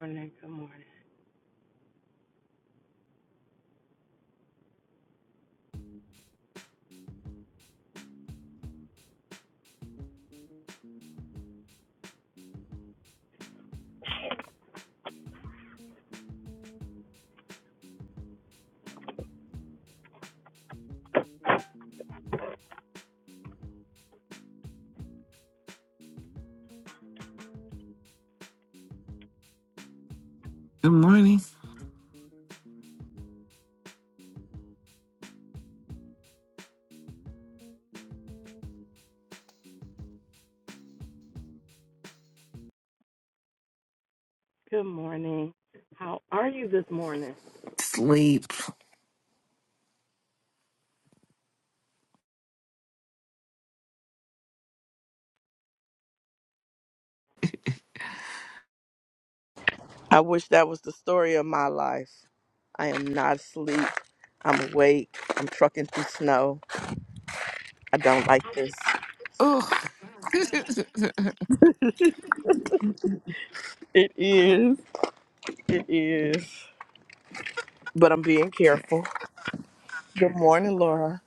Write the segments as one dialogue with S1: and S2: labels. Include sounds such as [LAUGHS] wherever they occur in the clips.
S1: morning. Good morning.
S2: Good morning.
S1: Good morning. How are you this morning?
S2: Sleep.
S1: I wish that was the story of my life. I am not asleep. I'm awake. I'm trucking through snow. I don't like this.
S2: Oh. [LAUGHS] okay.
S1: It is. It is. But I'm being careful. Good morning, Laura.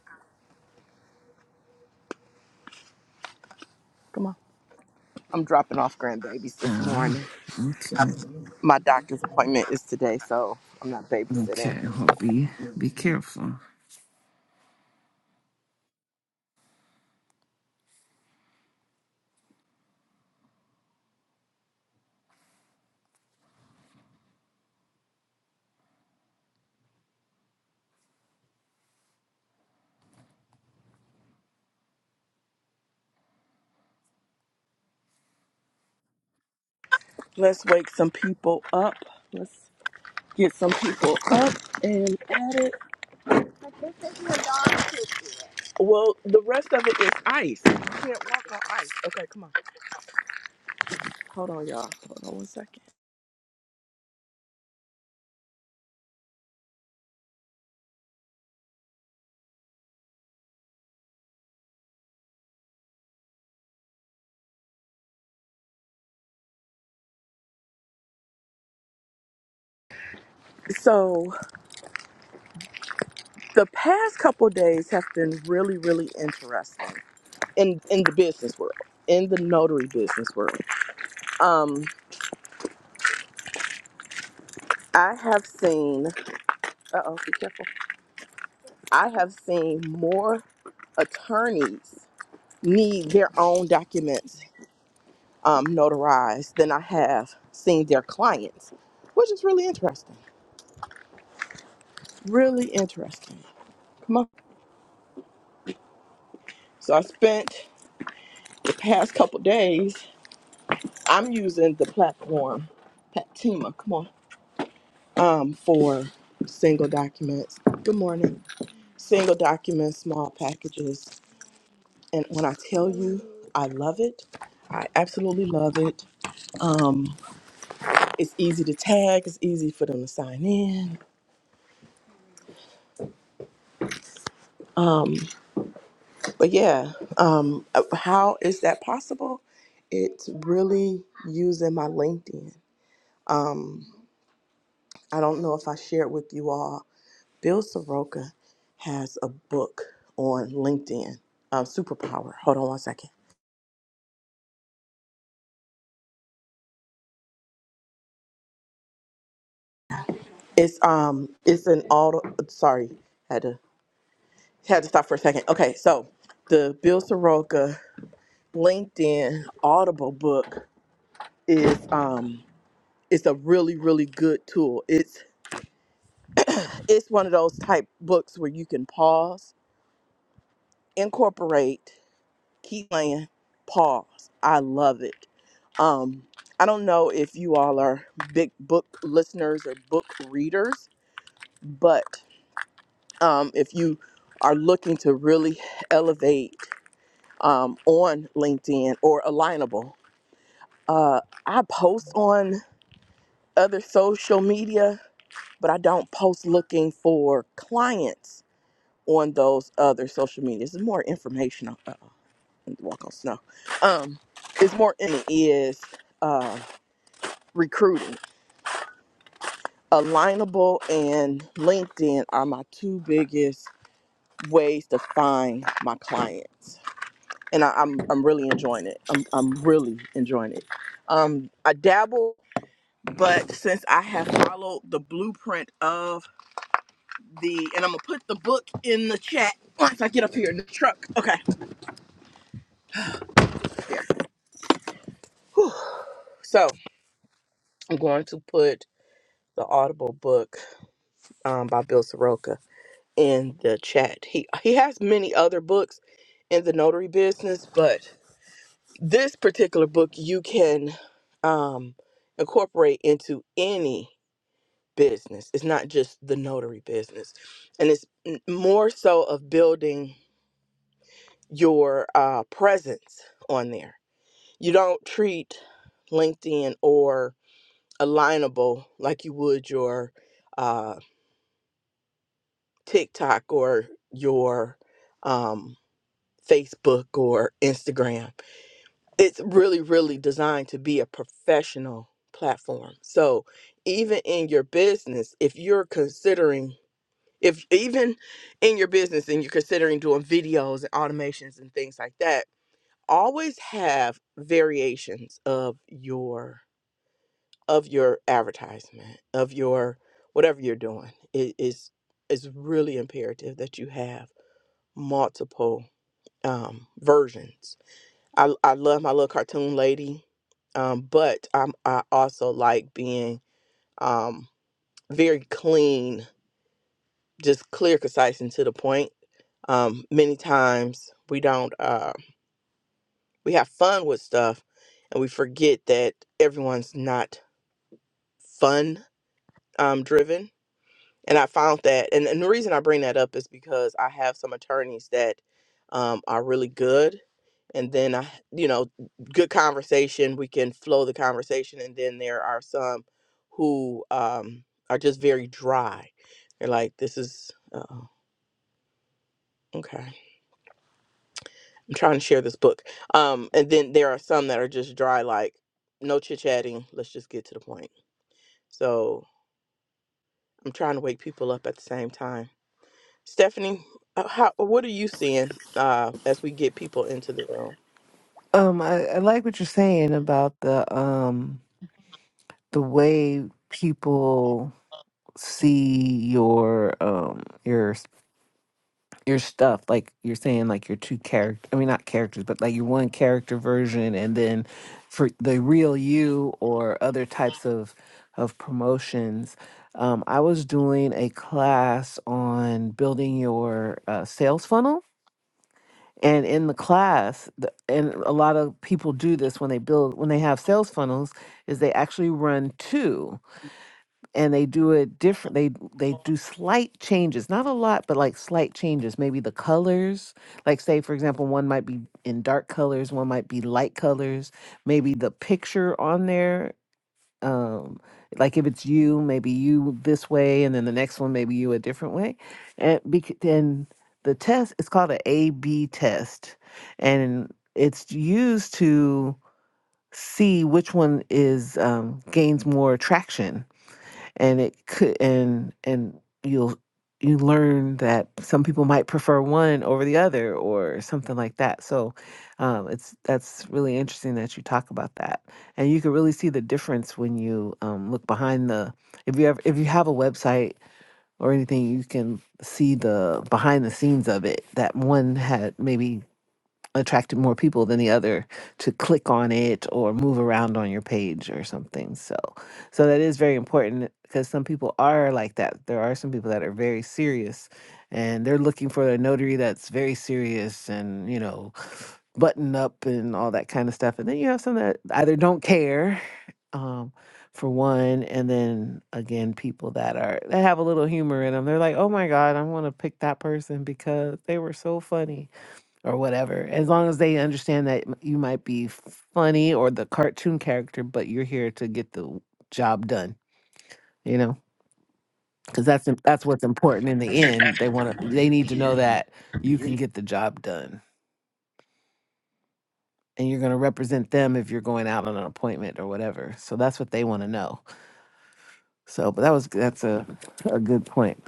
S1: Come on. I'm dropping off grandbabies
S2: All
S1: this
S2: right.
S1: morning.
S2: Okay.
S1: My doctor's appointment is today, so I'm not babysitting.
S2: Okay. Well, be be careful.
S1: Let's wake some people up. Let's get some people up and at it. Well, the rest of it is ice. Okay, come on. Hold on, y'all. Hold on one second. So the past couple days have been really, really interesting in in the business world, in the notary business world. Um, I have seen. Uh oh, be careful. I have seen more attorneys need their own documents um, notarized than I have seen their clients, which is really interesting. Really interesting. Come on. So I spent the past couple days. I'm using the platform Patima. Come on, um, for single documents. Good morning. Single documents, small packages, and when I tell you, I love it. I absolutely love it. Um, it's easy to tag. It's easy for them to sign in. But yeah, um, how is that possible? It's really using my LinkedIn. I don't know if I shared with you all Bill Soroka has a book on LinkedIn, um, Superpower. Hold on one second. It's um, it's an auto. Sorry, had to had to stop for a second. Okay, so the Bill Soroka LinkedIn Audible book is um, it's a really really good tool. It's it's one of those type books where you can pause, incorporate. keep playing pause i love it um i don't know if you all are big book listeners or book readers but um if you are looking to really elevate um on linkedin or alignable uh i post on other social media but i don't post looking for clients on those other social medias it's more informational I need to walk on snow um it's more in it is uh recruiting alignable and linkedin are my two biggest ways to find my clients and I, i'm i'm really enjoying it i'm, I'm really enjoying it um i dabble but since i have followed the blueprint of the and i'm gonna put the book in the chat once i get up here in the truck okay Whew. so i'm going to put the audible book um, by bill soroka in the chat. He he has many other books in the notary business, but this particular book you can um, incorporate into any business. It's not just the notary business, and it's n- more so of building your uh, presence on there. You don't treat LinkedIn or Alignable like you would your uh, TikTok or your um, Facebook or Instagram. It's really, really designed to be a professional platform. So even in your business, if you're considering, if even in your business and you're considering doing videos and automations and things like that, always have variations of your of your advertisement of your whatever you're doing it is is really imperative that you have multiple um, versions I l- I love my little cartoon lady, um, but I'm I also like being um very clean, just clear, concise, and to the point. Um, many times we don't uh we have fun with stuff, and we forget that everyone's not fun um driven and I found that, and, and the reason I bring that up is because I have some attorneys that um, are really good, and then I, you know, good conversation. We can flow the conversation, and then there are some who um, are just very dry. They're like, "This is uh, okay." I'm trying to share this book, um, and then there are some that are just dry, like no chit chatting. Let's just get to the point. So I'm trying to wake people up at the same time. Stephanie, uh, how what are you seeing uh, as we get people into the room?
S2: Um, I, I like what you're saying about the um the way people see your um your your stuff like you're saying like your two character i mean not characters but like your one character version and then for the real you or other types of of promotions um, i was doing a class on building your uh, sales funnel and in the class the, and a lot of people do this when they build when they have sales funnels is they actually run two and they do it different they they do slight changes not a lot but like slight changes maybe the colors like say for example one might be in dark colors one might be light colors maybe the picture on there um like if it's you maybe you this way and then the next one maybe you a different way and bec- then the test is called an a b test and it's used to see which one is um, gains more traction and it could and and you'll you learn that some people might prefer one over the other or something like that so um, it's that's really interesting that you talk about that and you can really see the difference when you um, look behind the if you have if you have a website or anything you can see the behind the scenes of it that one had maybe attracted more people than the other to click on it or move around on your page or something. So, so that is very important because some people are like that. There are some people that are very serious and they're looking for a notary that's very serious and, you know, button up and all that kind of stuff. And then you have some that either don't care, um, for one, and then again, people that are that have a little humor in them. They're like, "Oh my god, I want to pick that person because they were so funny." or whatever. As long as they understand that m- you might be funny or the cartoon character, but you're here to get the job done, you know? Cuz that's im- that's what's important in the end. They want to they need to know that you can get the job done and you're going to represent them if you're going out on an appointment or whatever. So that's what they want to know. So, but that was that's a a good point.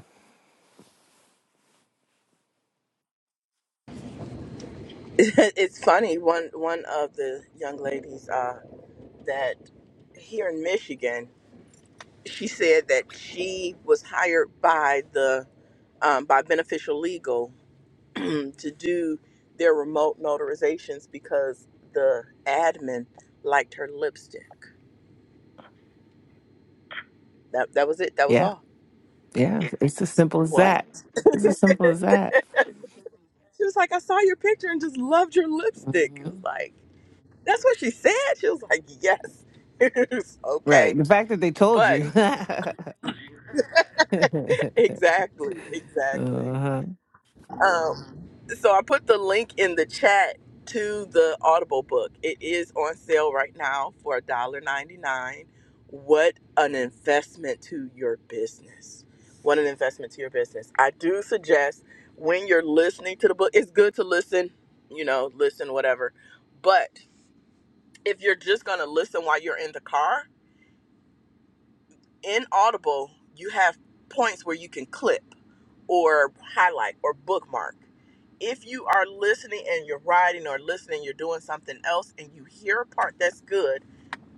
S1: [LAUGHS] it's funny. One one of the young ladies uh, that here in Michigan, she said that she was hired by the um, by Beneficial Legal [CLEARS THROAT] to do their remote notarizations because the admin liked her lipstick. That that was it. That was
S2: Yeah.
S1: all.
S2: Yeah, it's as simple as
S1: What?
S2: that. It's as simple as that.
S1: She was like, I saw your picture and just loved your lipstick. It
S2: hmm
S1: was like. That's what she said. She was like, yes. [LAUGHS] It was okay.
S2: Right. The fact that they told
S1: But
S2: you.
S1: [LAUGHS]
S2: [LAUGHS]
S1: exactly, exactly.
S2: Uh-huh.
S1: Um, so I put the link in the chat to the Audible book. It is on sale right now for ninety nine. What an investment to your business. What an investment to your business. I do suggest when you're listening to the book, it's good to listen, you know, listen, whatever. But if you're just going to listen while you're in the car, in Audible, you have points where you can clip or highlight or bookmark. If you are listening and you're writing or listening, you're doing something else and you hear a part that's good,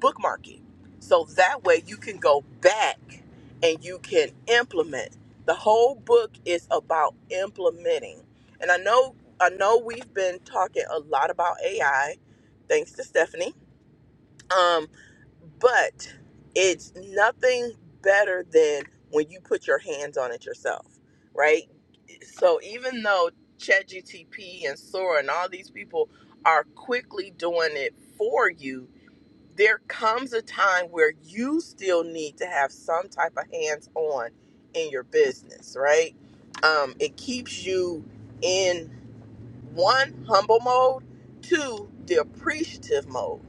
S1: bookmark it. So that way you can go back and you can implement. The whole book is about implementing. And I know I know we've been talking a lot about AI thanks to Stephanie um, but it's nothing better than when you put your hands on it yourself, right? So even though ChatGTP and Sora and all these people are quickly doing it for you, there comes a time where you still need to have some type of hands on in your business, right? Um, it keeps you in one humble mode two the appreciative mode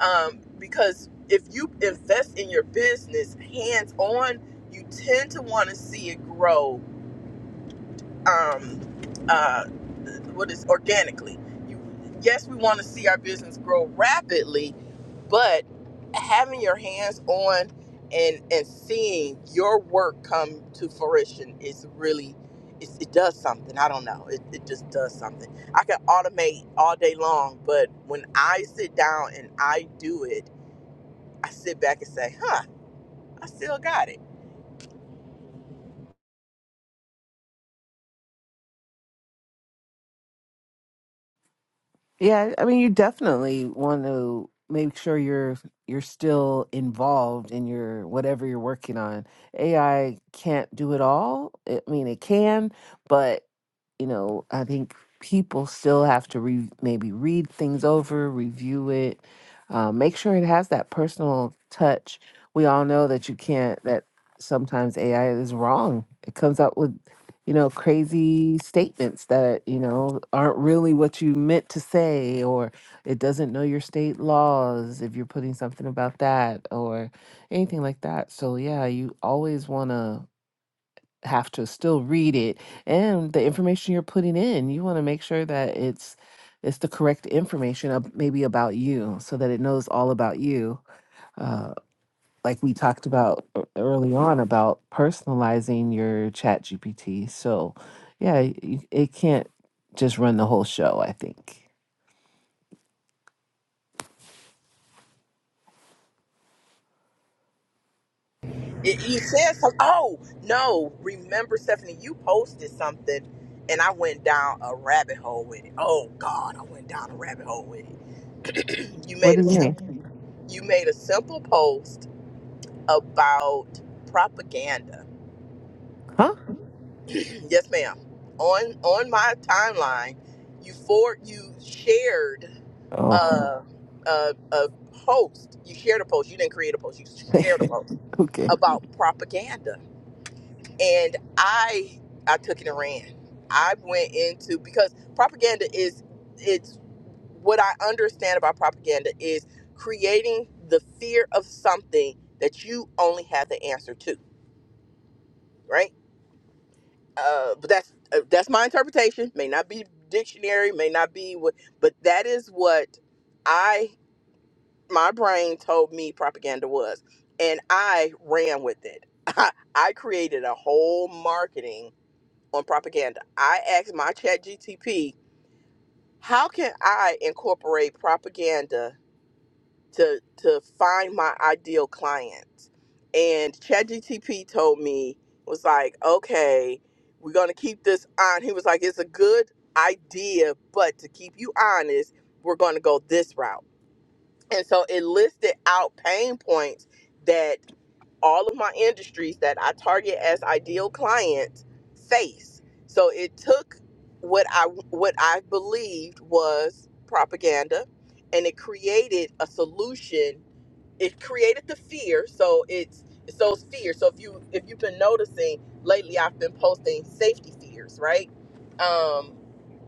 S1: um, because if you invest in your business hands on you tend to want to see it grow um, uh, what is organically you yes we want to see our business grow rapidly but having your hands on and and seeing your work come to fruition is really it's, it does something i don't know it, it just does something i can automate all day long but when i sit down and i do it i sit back and say huh i still got it,
S2: Yeah, I mean, you definitely want to make sure you're you're still involved in your whatever you're working on. AI can't do it all. I mean, it can, but you know, I think people still have to re- maybe read things over, review it, uh, make sure it has that personal touch. We all know that you can't. That sometimes AI is wrong. It comes out with you know, crazy statements that, you know, aren't really what you meant to say, or it doesn't know your state laws if you're putting something about that or anything like that. So, yeah, you always want to have to still read it and the information you're putting in, you want to make sure that it's it's the correct information of maybe about you so that it knows all about you uh, like we talked about e- early on about personalizing your chat gpt so yeah y- it can't just run the whole show i think
S1: it you said something oh no remember stephanie you posted something and i went down a rabbit hole with it oh god i went down a rabbit hole with it You
S2: what
S1: made
S2: do
S1: a
S2: you mean
S1: simple you made a simple post about propaganda.
S2: huh
S1: [CLEARS THROAT] yes, ma'am. On on my timeline, you for you shared
S2: oh
S1: a, a a post. You shared a post. You didn't create a post. You shared a post
S2: [LAUGHS] okay
S1: about propaganda. and I I took it and ran. I went into because propaganda is it's what I understand about propaganda is creating the fear of something that you only have the answer to, right? Uh, but that's uh, that's my interpretation. May not be dictionary, may not be what, but that is what I my brain told me propaganda was, and I ran with it. [LAUGHS] I created a whole marketing on propaganda. I asked my chat GTP, how can I incorporate propaganda to to find my ideal client? And chat GTP told me, was like, okay, we're gonna keep this on. He was like, it's a good idea, but to keep you honest, we're gonna go this route. And so it listed out pain points that all of my industries that I target as ideal clients face. So it took what I what I believed was propaganda and it created a solution it created the fear so it's it's those fears. so if you if you've been noticing lately i've been posting safety fears right um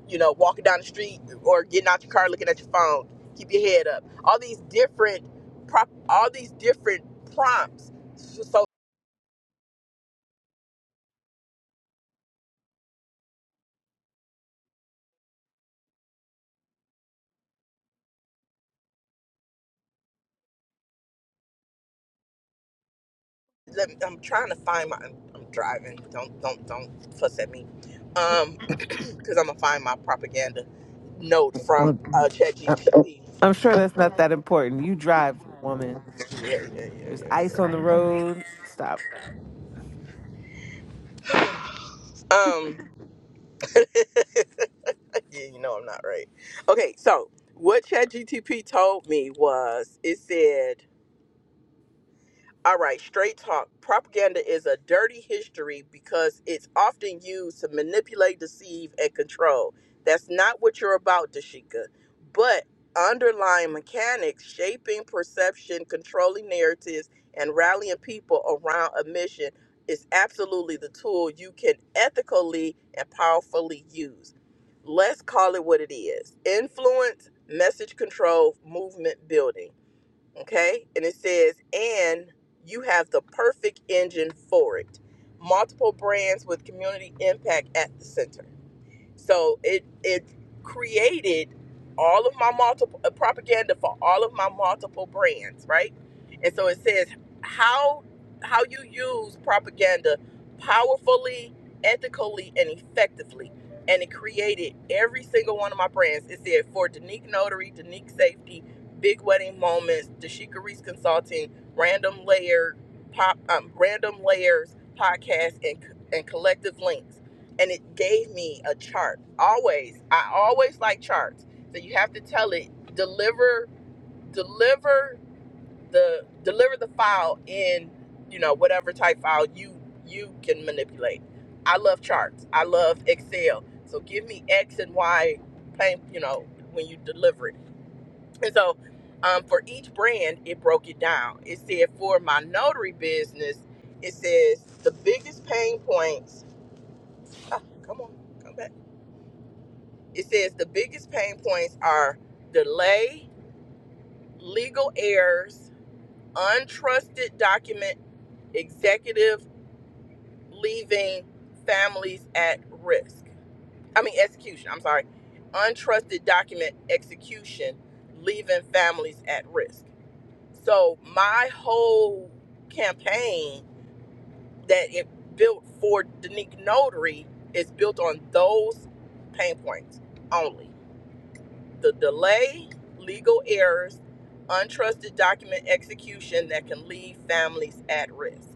S1: you know walking down the street or getting out your car looking at your phone keep your head up all these different prop all these different prompts so, so let me, i'm trying to find my I'm, I'm driving don't don't don't fuss at me um [CLEARS THROAT] because i'm gonna find my propaganda note from
S2: well,
S1: uh chat
S2: I- i'm sure that's not that important you drive woman
S1: yeah yeah
S2: there's ice
S1: yeah yeah yeah
S2: on the road stop
S1: um [LAUGHS] yeah, you know I'm not right. Okay, so what ChatGTP told me was it said all right, straight talk. Propaganda is a dirty history because it's often used to manipulate, deceive, and control. That's not what you're about, Dashika. But underlying mechanics, shaping perception, controlling narratives, and rallying people around a mission is absolutely the tool you can ethically and powerfully use. Let's call it what it is influence, message control, movement building. Okay. And it says, and you have the perfect engine for it. Multiple brands with community impact at the center. So it it created all of my multiple uh, propaganda for all of my multiple brands, right? And so it says how how you use propaganda powerfully, ethically, and effectively. And it created every single one of my brands. It said for Danique Notary, Danique Safety, Big Wedding Moments, Dashika Reese Consulting, Random Layer, Pop, um, Random Layers Podcast, and and Collective Links and it gave me a chart. Always, I always like charts. So you have to tell it deliver deliver the deliver the file in you know whatever type file you you can manipulate. I love charts. I love Excel. So give me X and Y plain you know when you deliver it. And so um, for each brand, it broke it down. It said for my notary business, it says the biggest pain points. Ah, come on, come back It says the biggest pain points are delay, legal errors, untrusted document, executive leaving families at risk. I mean, execution, I'm sorry. Untrusted document execution, leaving families at risk. So, my whole campaign that it built for Danique Notary is built on those pain points only. the delay, legal errors, untrusted document execution that can leave families at risk.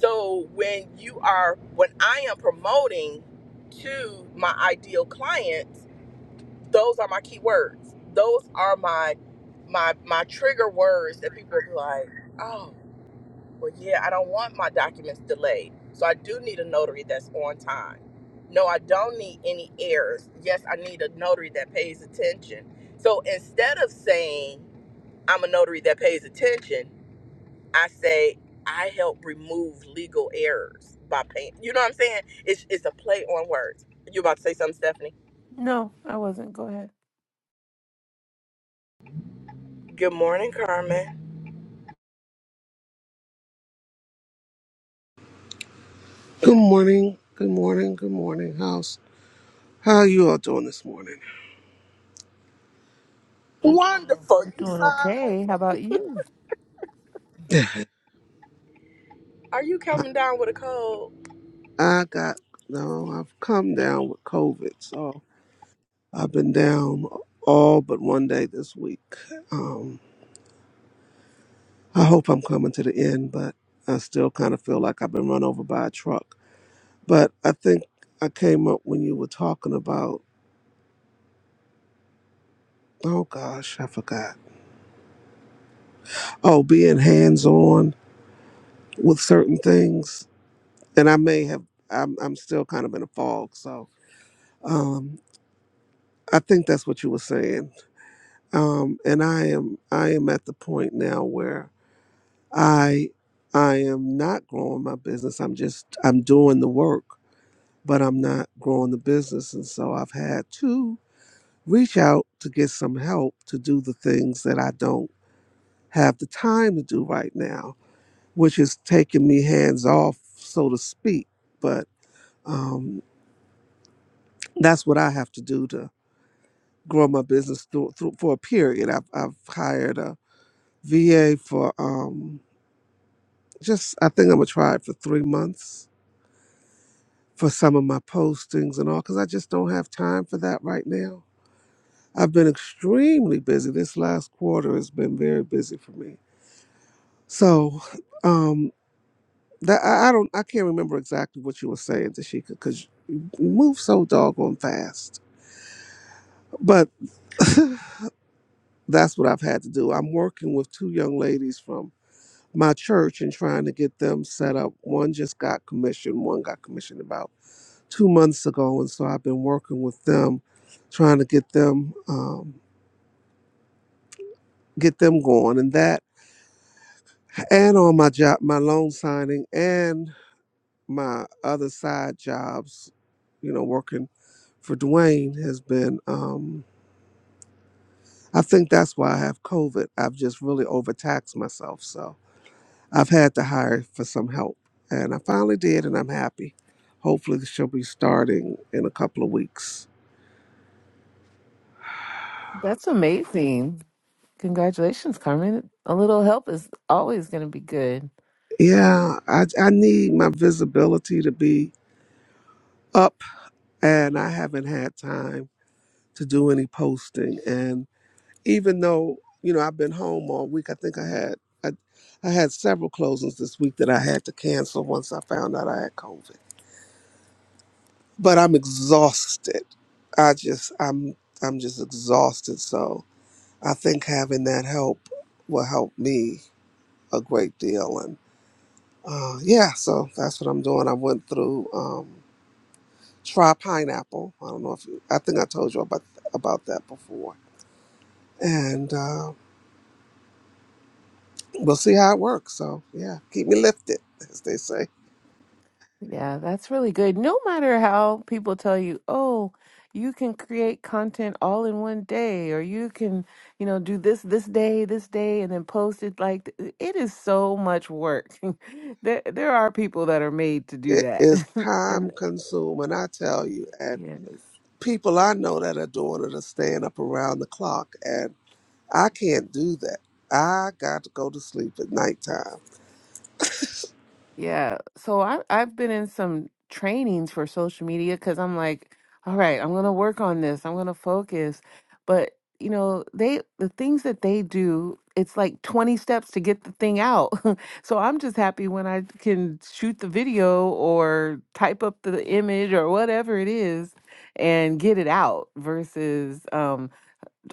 S1: So when you are when I am promoting to my ideal clients, those are my key words. Those are my my my trigger words that people are like, "Oh, Well, yeah, I don't want my documents delayed. So I do need a notary that's on time. No, I don't need any errors. Yes, I need a notary that pays attention. So instead of saying I'm a notary that pays attention, I say I help remove legal errors by paying. You know what I'm saying? It's it's a play on words. You about to say something, Stephanie?
S2: no i wasn't go ahead
S1: Good morning, Carmen.
S3: Good morning, good morning, good morning, house. How you all doing this morning?
S1: Wonderful.
S2: we're
S1: You
S2: doing
S1: sound.
S2: okay how about you
S3: [LAUGHS] [SIGHS]
S1: Are you
S3: I
S1: coming down with a cold?
S3: I got no, I've come down with COVID, so I've been down all but one day this week. Um, I hope I'm coming to the end, but I still kind of feel like I've been run over by a truck. But I think I came up when you were talking about, oh gosh, I forgot. Oh, being hands on with certain things, and I may have. I'm, I'm still kind of in a fog, so Um, I think that's what you were saying. Um, and I am I am at the point now where I I am not growing my business. I'm just I'm doing the work, but I'm not growing the business. And so I've had to reach out to get some help to do the things that I don't have the time to do right now, which is taking me hands off, so to speak. But um, that's what I have to do to grow my business through, through, for a period. I've, I've hired a VA for um just I think I'm gonna try it for three months for some of my postings and all because I just don't have time for that right now. I've been extremely busy. This last quarter has been very busy for me. So um that I, I don't I can't remember exactly what you were saying, Tashika, because you you move so doggone fast. But [LAUGHS] that's what I've had to do. I'm working with two young ladies from my church and trying to get them set up. One just got commissioned, one got commissioned about two months ago, and so I've been working with them, trying to get them um, get them going, and that, and on my job, my loan signing, and my other side jobs, you know, working for Dwayne has been. Um, I think that's why I have COVID. I've just really overtaxed myself, so I've had to hire for some help, and I finally did, and I'm happy. Hopefully, she'll be starting in a couple of weeks.
S2: that's amazing congratulations carmen a little help is always going to be good
S3: Yeah, I, I need my visibility to be up and I haven't had time to do any posting. And even though, you know, I've been home all week, I think I had I, I had several closings this week that I had to cancel once I found out I had COVID. But I'm exhausted. I just I'm I'm just exhausted. So I think having that help will help me a great deal. And uh, yeah, so that's what I'm doing. I went through um, try pineapple. I don't know if you, I think I told you about about that before and uh, we'll see how it works. So yeah, keep me lifted, as they say.
S2: Yeah, that's really good. No matter how people tell you, oh, you can create content all in one day, or you can, you know, do this this day, this day, and then post it. Like th- it is so much work. [LAUGHS] there, there are people that are made to do
S3: It
S2: that,
S3: is
S2: [LAUGHS]
S3: time
S2: and
S3: consuming, I tell you, and
S2: yes,
S3: people I know that are doing it are staying up around the clock, and I can't do that. I got to go to sleep at nighttime.
S2: Yeah. So I I've been in some trainings for social media because I'm like, all right, I'm gonna work on this. I'm gonna focus. But you know, they the things that they do, it's like 20 steps to get the thing out. [LAUGHS] So I'm just happy when I can shoot the video or type up the image or whatever it is and get it out versus um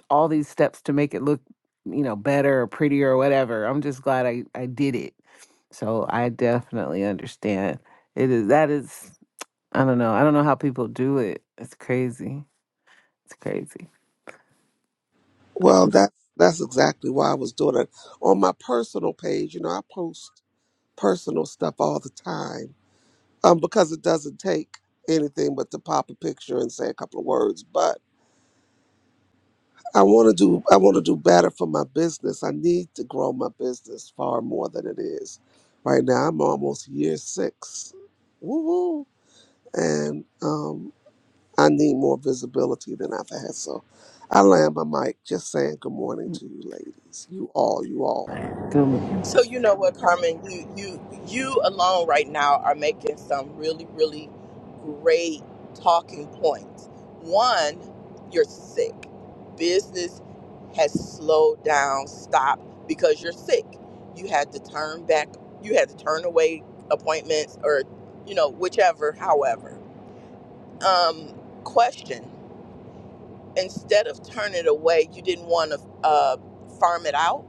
S2: all these steps to make it look, you know, better or prettier or whatever. I'm just glad I, I did it. So I definitely understand. It is that is I don't know. I don't know how people do it. It's crazy. It's crazy.
S3: Well, that's that's exactly why I was doing it on my personal page. You know, I post personal stuff all the time um, because it doesn't take anything but to pop a picture and say a couple of words, but I want to do I want to do better for my business. I need to grow my business far more than it is. Right now I'm almost year six. Woo-hoo. And um, I need more visibility than I've had. So I land my mic just saying good morning
S2: Mm.
S3: to you ladies. You all, you all.
S2: Good morning.
S1: So you know what, Carmen, you you you alone right now are making some really really great talking points. One, you're sick. Business has slowed down, stopped because you're sick. You had to turn back. You had to turn away appointments or you know whichever. However, um, question. Instead of turning it away, you didn't want to uh, farm it out.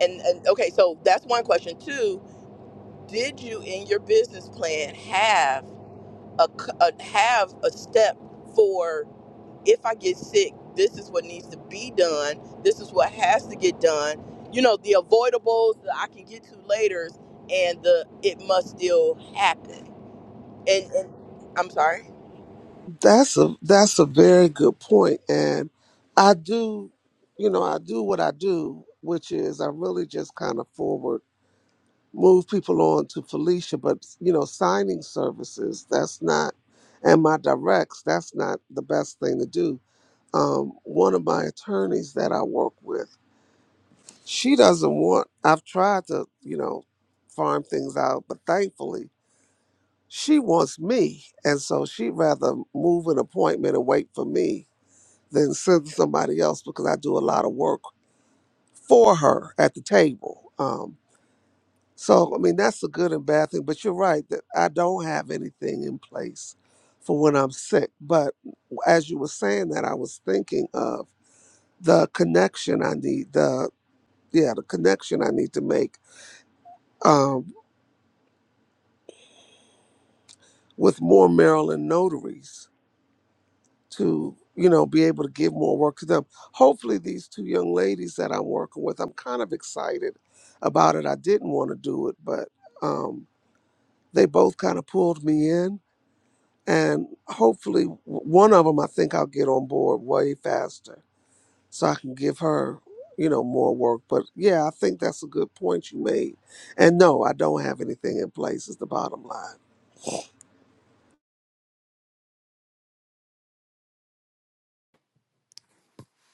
S1: And, and okay, so that's one question. Two did you in your business plan have a a have a step for if I get sick, this is what needs to be done. This is what has to get done. You know, the avoidables that I can get to later and the it must still happen. And, and I'm sorry.
S3: That's a that's a very good point. And I do, you know, I do what I do, which is I really just kind of forward move people on to Felicia, but you know, signing services, that's not, and my directs, that's not the best thing to do. Um, one of my attorneys that I work with, she doesn't want, I've tried to, you know, farm things out, but thankfully she wants me. And so she'd rather move an appointment and wait for me than send somebody else because I do a lot of work for her at the table. Um, So, I mean, that's a good and bad thing, but you're right that I don't have anything in place for when I'm sick. But as you were saying that, I was thinking of the connection I need, the, yeah, the connection I need to make um, with more Maryland notaries to, you know, be able to give more work to them. Hopefully, these two young ladies that I'm working with, I'm kind of excited about it. I didn't want to do it, but um, they both kind of pulled me in and hopefully w- one of them i think i'll get on board way faster so i can give her you know more work but yeah i think that's a good point you made and no i don't have anything in place is the bottom line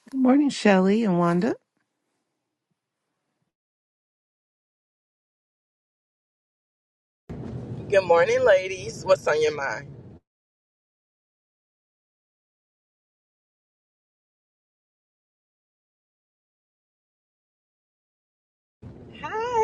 S2: Good morning, Shelley and Wanda.
S1: Good morning, ladies. What's on your mind? Hi.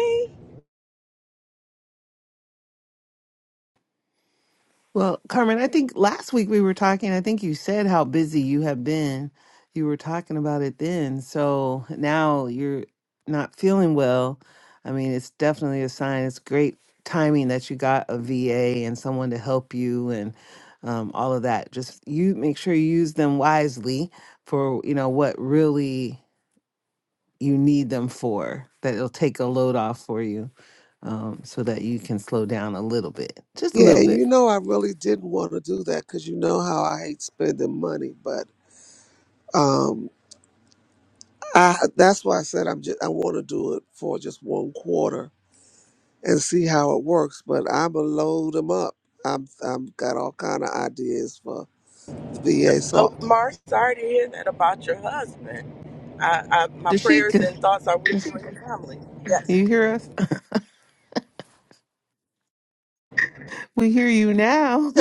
S2: Well, Carmen, I think last week we were talking, I think you said how busy you have been. You were talking about it then. So now you're not feeling well. I mean, it's definitely a sign. It's great timing that you got a VA and someone to help you and um, all of that. Just you make sure you use them wisely for, you know, what really you need them for, that it'll take a load off for you um, so that you can slow down a little bit, just a
S3: yeah
S2: little
S3: and
S2: bit.
S3: you know i really didn't want to do that because you know how i hate spending money but um i that's why i said i'm just i want to do it for just one quarter and see how it works but i'm gonna load them up i'm i'm got all kind of ideas for the VA. So.
S1: Oh, Mar, sorry to hear that about your husband. I, I my prayers
S2: Dashika,
S1: and thoughts are
S2: [LAUGHS]
S1: with
S2: you
S1: you and your family. Yes.
S2: hear us? [LAUGHS] We hear you now.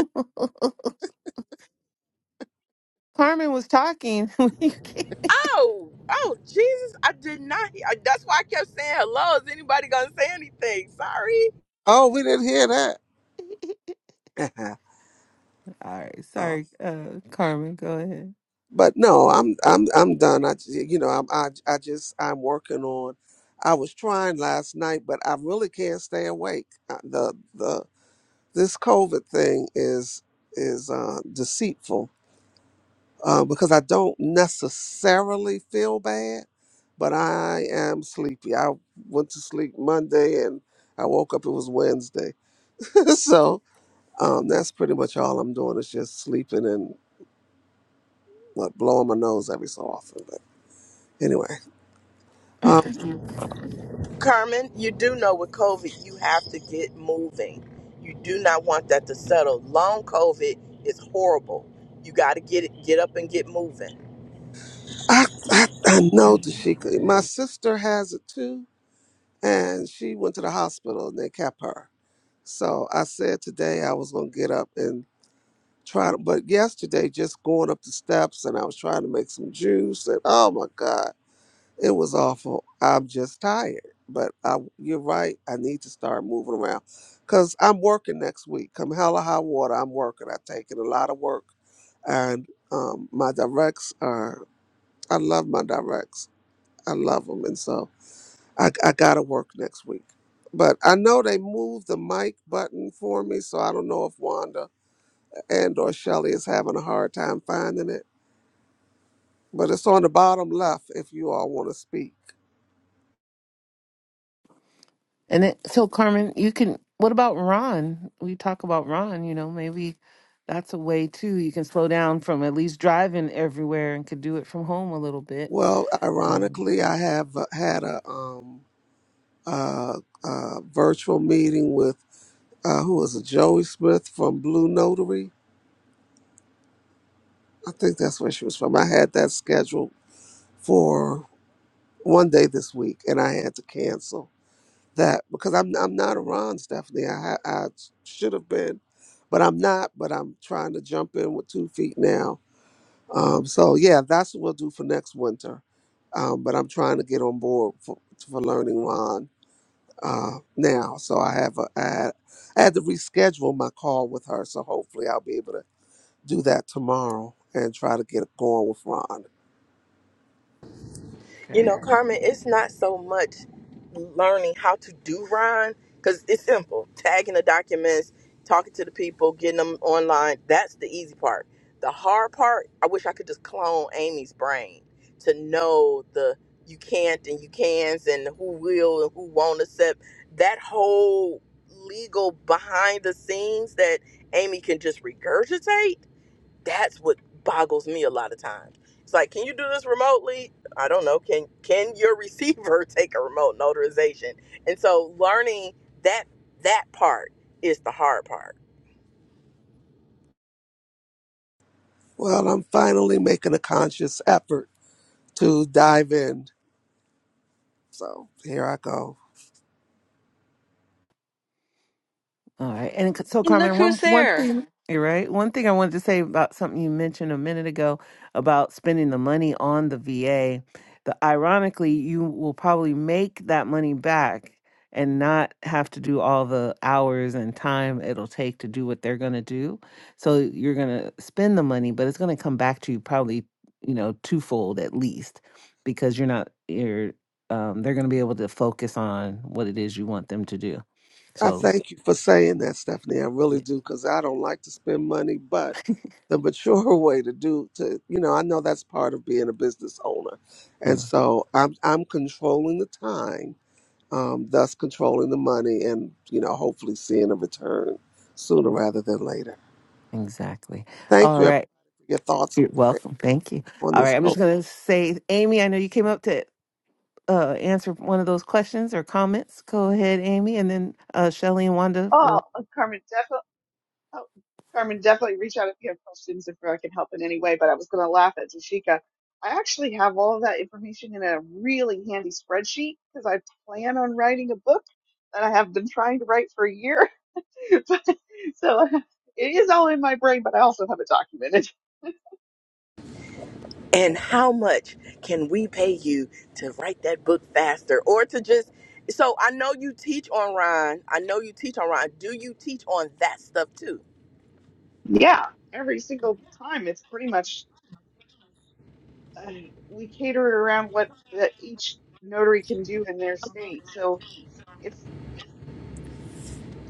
S2: [LAUGHS] Carmen was talking. [LAUGHS] We can't-
S1: Oh, oh, Jesus! I did not. I- That's why I kept saying hello. Is anybody gonna say anything? Sorry,
S3: Oh, we didn't hear that. [LAUGHS]
S2: All right,
S3: oh,
S2: sorry, uh, Carmen, go ahead.
S3: but no, I'm I'm I'm done. I j- you know I'm I I just I'm working on. I was trying last night, but I really can't stay awake. Uh, The the this COVID thing is is uh, deceitful uh, because I don't necessarily feel bad, but I am sleepy. I went to sleep Monday and I woke up. It was Wednesday, [LAUGHS] so um, that's pretty much all I'm doing is just sleeping and like blowing my nose every so often. But anyway, um,
S1: Carmen. You do know with COVID, you have to get moving. You do not want that to settle. Long COVID is horrible. You got to get it, get up and get moving.
S3: I, I I know that she My sister has it too, and she went to the hospital and they kept her. So I said today I was gonna get up and try to. But yesterday, just going up the steps and I was trying to make some juice and oh my god. It was awful. I'm just tired. But I, you're right. I need to start moving around because I'm working next week. Come hell or high water, I'm working. I've taken a lot of work. And um, my directs are, I love my directs. I love them. And so I, I got to work next week. But I know they moved the mic button for me, so I don't know if Wanda and or Shelly is having a hard time finding it. But it's on the bottom left if you all want to speak.
S2: And then, so, Carmen, you can. What about Ron? We talk about Ron. You know, maybe that's a way too. You can slow down from at least driving everywhere and could do it from home a little bit.
S3: Well,
S2: Um,
S3: ironically, I have uh, had a um uh, uh virtual meeting with uh, who was it, Joey Smith from Blue Notary. I think that's where she was from. I had that scheduled for one day this week, and I had to cancel that because I'm I'm not around, Stephanie. I ha- I should have been, but I'm not. But I'm trying to jump in with two feet now. Um, so yeah, that's what we'll do for next winter. Um, but I'm trying to get on board for, for learning Ron uh, now. So I have a, I, had, I had to reschedule my call with her. So hopefully I'll be able to do that tomorrow and try to get it going with Ron.
S1: You know, Carmen, it's not so much learning how to do Ron because it's simple. Tagging the documents, talking to the people, getting them online. That's the easy part. The hard part, I wish I could just clone Amy's brain to know the you can't and you cans and who will and who won't accept that whole legal behind the scenes that Amy can just regurgitate that's what boggles me a lot of times. It's like, can you do this remotely? I don't know. Can can your receiver [LAUGHS] take a remote notarization? And so learning that that part is the hard part.
S3: Well, I'm finally making a conscious effort to dive in. So here I go.
S2: All right. And c- so,
S4: And look
S2: Carmen, one
S4: who's
S2: one
S4: there.
S2: thing, you're right. One thing I wanted to say about something you mentioned a minute ago about spending the money on the VA. The ironically, you will probably make that money back and not have to do all the hours and time it'll take to do what they're going to do. So you're going to spend the money, but it's going to come back to you probably, you know, twofold at least because you're not you're um, they're going to be able to focus on what it is you want them to do.
S3: I
S2: So,
S3: thank you for saying that, Stephanie. I really do, because I don't like to spend money, but the mature [LAUGHS] way to do to you know, I know that's part of being a business owner. And
S2: yeah.
S3: so I'm I'm controlling the time um, thus controlling the money and you know hopefully seeing a return sooner rather than later.
S2: Exactly.
S3: Thank
S2: All
S3: you
S2: right.
S3: everybody for your thoughts
S2: You're
S3: and prayers
S2: welcome. Thank you.
S3: on
S2: All right.
S3: this
S2: I'm just
S3: hope.
S2: going to say, Amy, I know you came up to uh, answer one of those questions or comments. Go ahead, Amy. And then uh, Shelly and Wanda
S5: Oh,
S2: will,
S5: uh, Carmen, definitely. Oh, Carmen, definitely reach out if you have questions, if I can help in any way. But I was going to laugh at Jashika. I actually have all of that information in a really handy spreadsheet because I plan on writing a book that I have been trying to write for a year. [LAUGHS] but, so it is all in my brain, but I also have it documented.
S1: And how much can we pay you to write that book faster or to just so I know you teach online. I know you teach online. Do you teach on that stuff too?
S5: Yeah, every single time, it's pretty much uh, we cater it around what that each notary can do in their state. So it's.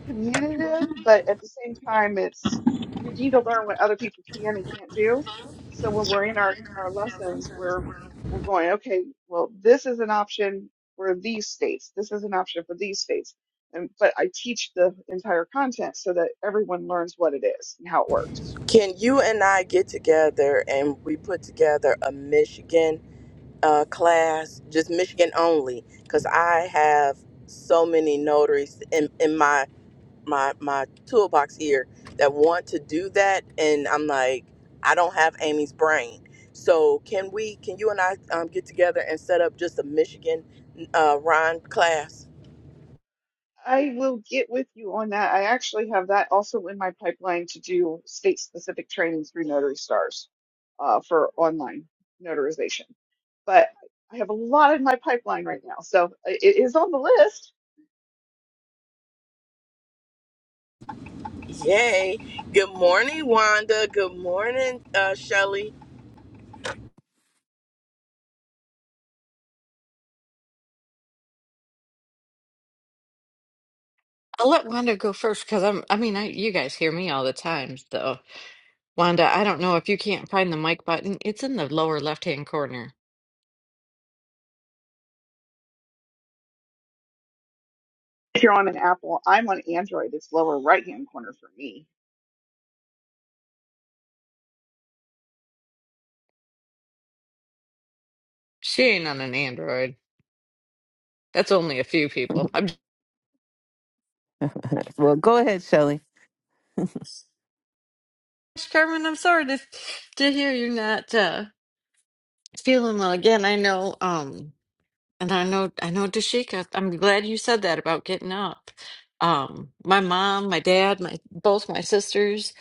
S5: communicative, but at the same time, it's you, you need to learn what other people can and can't do. So when we're in our, our lessons, we're we're going, okay, well, this is an option for these states. This is an option for these states. And but I teach the entire content so that everyone learns what it is and how it works.
S1: Can you and I get together and we put together a Michigan uh, class, just Michigan only, because I have so many notaries in, in my, my my toolbox here that want to do that, and I'm like, I don't have Amy's brain. So can we? Can you and I um, get together and set up just a Michigan uh, Ron class?
S5: I will get with you on that. I actually have that also in my pipeline to do state specific training through Notary Stars uh, for online notarization. But I have a lot in my pipeline right now. So it it is on the list.
S1: Yay! Good morning, Wanda. Good morning, uh, Shelly.
S4: I'll let Wanda go first because I'm, I mean, I, you guys hear me all the time, though. Wanda, I don't know if you can't find the mic button. It's in the lower left-hand corner.
S5: If you're on an Apple, I'm on Android. It's lower right hand corner for me.
S4: She ain't on an Android. That's only a few people. I'm
S2: well, go ahead, Shelly.
S4: just, Carmen, I'm sorry to, to hear you're not uh, feeling well again. I know, um, and I know, I know, Dashika, I'm glad you said that about getting up. Um, my mom, my dad, my both my sisters,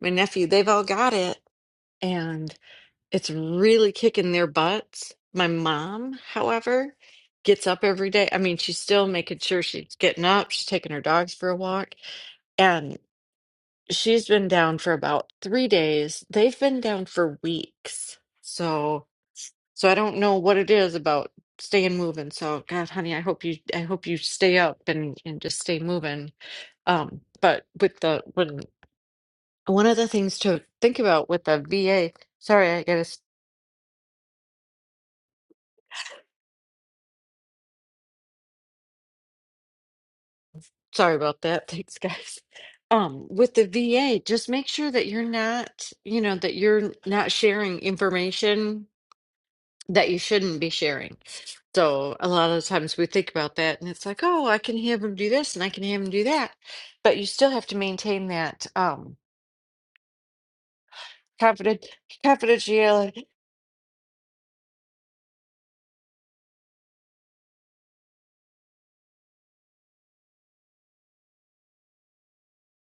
S4: my nephew, they've all got it. and. It's really kicking their butts. My mom, however, gets up every day. I mean, she's still making sure she's getting up, she's taking her dogs for a walk, and she's been down for about three days. They've been down for weeks. So, so I don't know what it is about staying moving. So, God, honey, I hope you, I hope you stay up and and just stay moving. Um, but with the when one of the things to think about with the VA, sorry, I gotta Sorry about that. [LAUGHS] Thanks, guys. Um, with the VA, just make sure that you're not, you know, that you're not sharing information that you shouldn't be sharing. So a lot of times we think about that and it's like, oh, I can have him do this and I can have him do that. But you still have to maintain that um confident confidentiality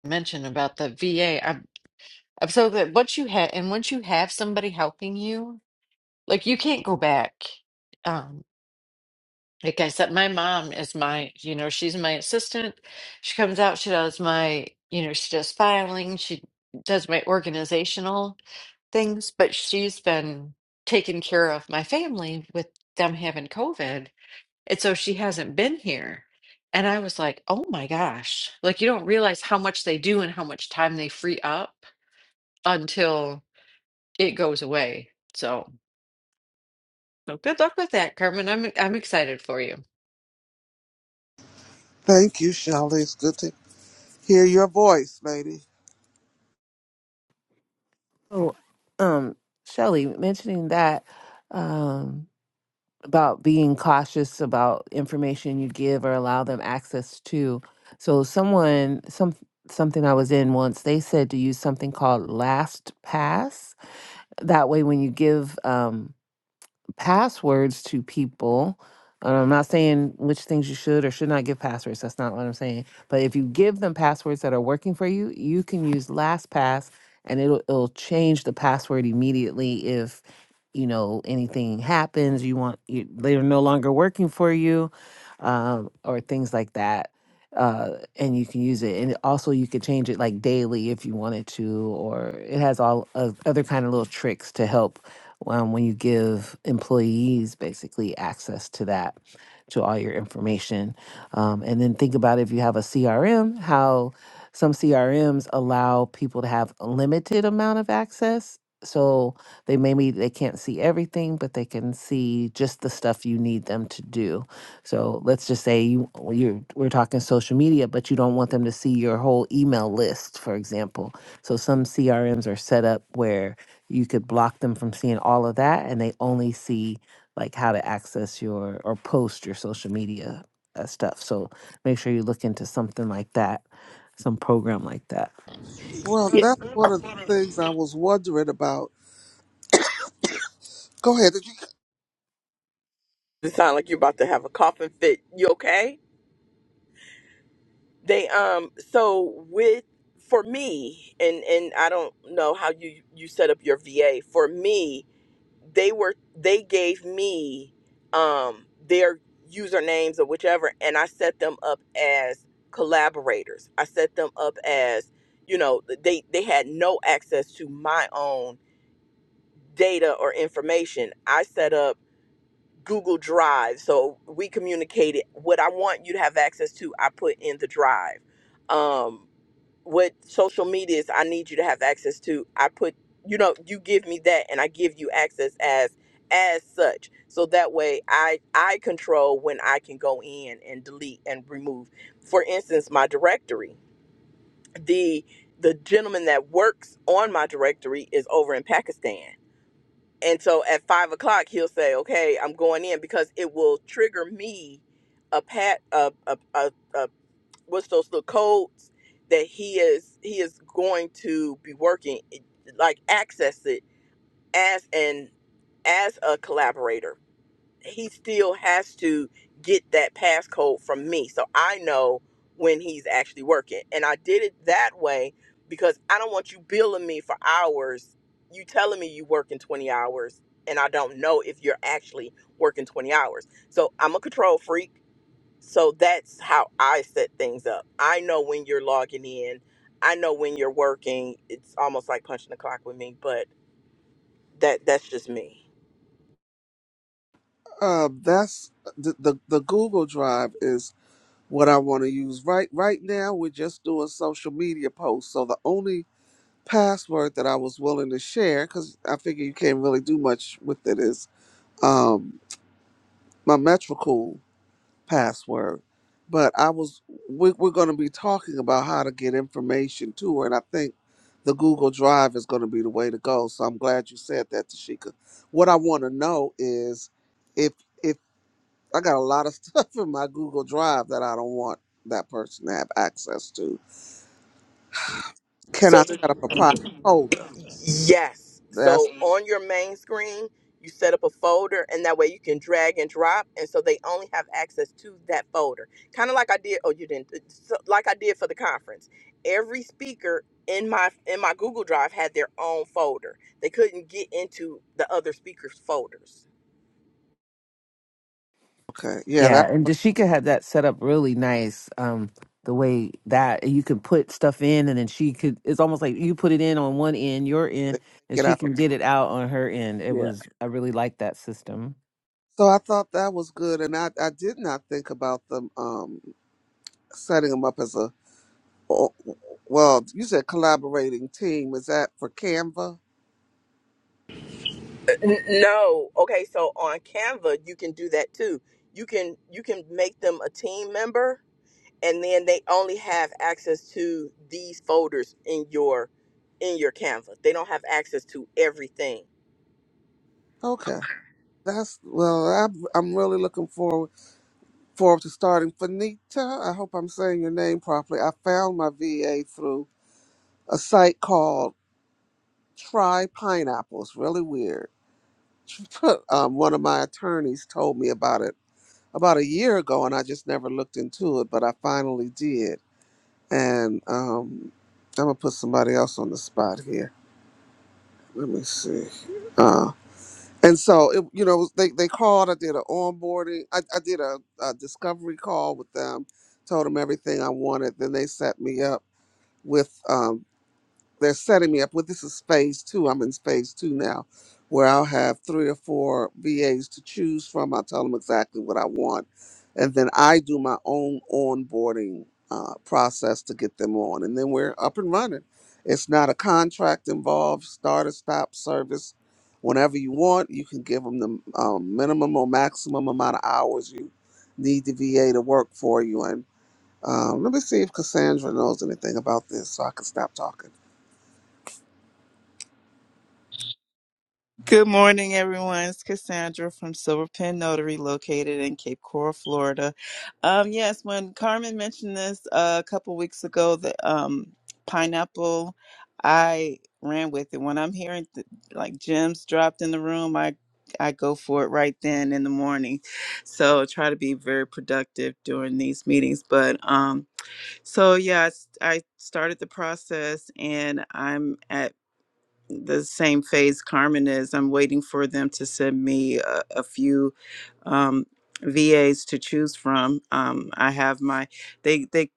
S4: mention about the VA. am I'm I'm so glad once you have and once you have somebody helping you, like you can't go back. um, Like I said, my mom is my, you know, she's my assistant. She comes out, she does my, you know, she does filing, she does my organizational things, but she's been taking care of my family with them having COVID. And so she hasn't been here. And I was like, oh my gosh. Like you don't realize how much they do and how much time they free up until it goes away. So, so good luck with that, Carmen. I'm I'm excited for you.
S3: Thank you, Shelley. It's good to hear your voice, lady.
S2: So, um, Shelly, mentioning that um, about being cautious about information you give or allow them access to. So, someone, some, something I was in once, they said to use something called LastPass that way when you give um, passwords to people. And I'm not saying which things you should or should not give passwords. That's not what I'm saying. But if you give them passwords that are working for you, you can use LastPass and it'll it'll change the password immediately if you know anything happens, you want you, they're no longer working for you, um, or things like that uh, and you can use it. And also, you could change it like daily if you wanted to, or it has all of other kind of little tricks to help um, when you give employees basically access to that, to all your information. Um, and then think about if you have a CRM, how some CRMs allow people to have a limited amount of access. So they maybe they can't see everything, but they can see just the stuff you need them to do so let's just say you you're we're talking social media, but you don't want them to see your whole email list, for example. So some CRMs are set up where you could block them from seeing all of that, and they only see like how to access your or post your social media uh, stuff. So make sure you look into something like that, some program like that.
S3: Well,
S1: You
S3: that's one of the things I was wondering about. Go ahead. Did you,
S1: sound like you're about to have a coughing fit. You okay? they um so with for me and and i don't know how you you set up your va for me they were they gave me um their usernames or whichever and i set them up as collaborators i set them up as you know they they had no access to my own data or information i set up google drive so we communicated what i want you to have access to i put in the drive um what social media is i need you to have access to i put you know you give me that and i give you access as as such so that way i i control when i can go in and delete and remove for instance my directory the the gentleman that works on my directory is over in pakistan and so at five o'clock he'll say okay i'm going in because it will trigger me a pat a, a, a, a what's those little codes that he is he is going to be working like access it as an as a collaborator he still has to get that passcode from me so i know when he's actually working and i did it that way because i don't want you billing me for hours you telling me you working 20 hours and i don't know if you're actually working 20 hours so i'm a control freak so that's how I set things up. I know when you're logging in. I know when you're working. It's almost like punching the clock with me, but that that's just me.
S3: uh, that's the, the the Google Drive is what I want to use right right now. We're just doing social media posts, so the only password that I was willing to share because I figure you can't really do much with it is um, my metrical password. But I was we, we're going to be talking about how to get information to her, and I think the Google Drive is going to be the way to go. So I'm glad you said that, Tashika. What I want to know is if if I got a lot of [LAUGHS] stuff in my Google Drive that I don't want that person to have access to, can I
S1: So the
S3: set up a private folder?
S1: Yes. So
S3: That's
S1: on your main screen, you set up a folder, and that way you can drag and drop, and so they only have access to that folder. Kind of like I did. Oh, you didn't. uh, so- Like I did for the conference. Every speaker in my in my Google Drive had their own folder. They couldn't get into the other speakers' folders.
S3: okay. Yeah, that's
S2: Yeah, and
S3: what
S2: Dashika had that set up really nice. Um, the way that you can put stuff in, and then she could. It's almost like you put it in on one end, your
S3: I
S2: end,
S3: think.
S2: and
S3: Get
S2: she
S3: out. Of,
S2: can get it out on her end. It
S3: yeah.
S2: was. I really like that system.
S3: So I thought that was good, and I I did not think about them. um setting them up as a oh, well you said collaborating team is that for canva
S1: N- No. Okay, so on Canva you can do that too. You can you can make them a team member and then they only have access to these folders in your in your Canva. They don't have access to everything.
S3: okay that's well i'm, I'm really looking forward forward to starting Finita. i hope i'm saying your name properly i found my va through a site called try pineapples really weird [LAUGHS] um, one of my attorneys told me about it about a year ago and i just never looked into it but i finally did and um, i'm gonna put somebody else on the spot here Let me see. Uh, and so it, you know, they they called. I did an onboarding. I, I did a, a discovery call with them. Told them everything I wanted. Then they set me up with. um, they're setting me up with this is phase two. I'm in phase two now, where I'll have three or four VAs to choose from. I tell them exactly what I want, and then I do my own onboarding uh, process to get them on, and then we're up and running. It's not a contract involved. Start or stop service. Whenever you want, you can give them the um, minimum or maximum amount of hours you need the VA to work for you. And um, let me see if Cassandra knows anything about this, so I can stop talking.
S6: Good morning, everyone. It's Cassandra from Silver Pen Notary, located in Cape Coral, Florida. Um, yes, when Carmen mentioned this uh, a couple weeks ago, the um, pineapple, I ran with it. When I'm hearing th- like gems dropped in the room, I I go for it right then in the morning. So I try to be very productive during these meetings. But um, so yeah, I, s- I started the process, and I'm at the same phase Carmen is. I'm waiting for them to send me a, a few um, VAs to choose from. Um, I have my they they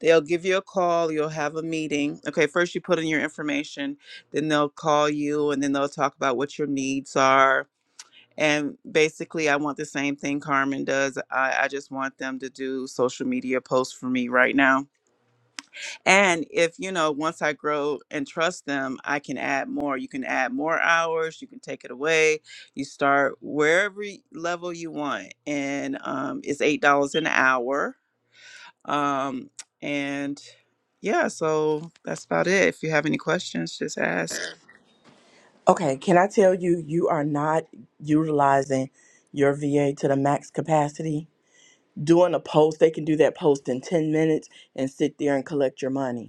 S6: they'll give you a call. You'll have a meeting. Okay, first you put in your information, then they'll call you, and then they'll talk about what your needs are. And basically, I want the same thing Carmen does. I, I just want them to do social media posts for me right now and if, you know, once I grow and trust them, I can add more. You can add more hours, you can take it away. You start wherever y- level you want. And um, it's $8 an hour. Um, and yeah, so that's about it. If you have any questions, just ask.
S1: Okay, can I tell you, you are not utilizing your VA to the max capacity? Doing a post, they can do that post in 10 minutes and sit there and collect your money.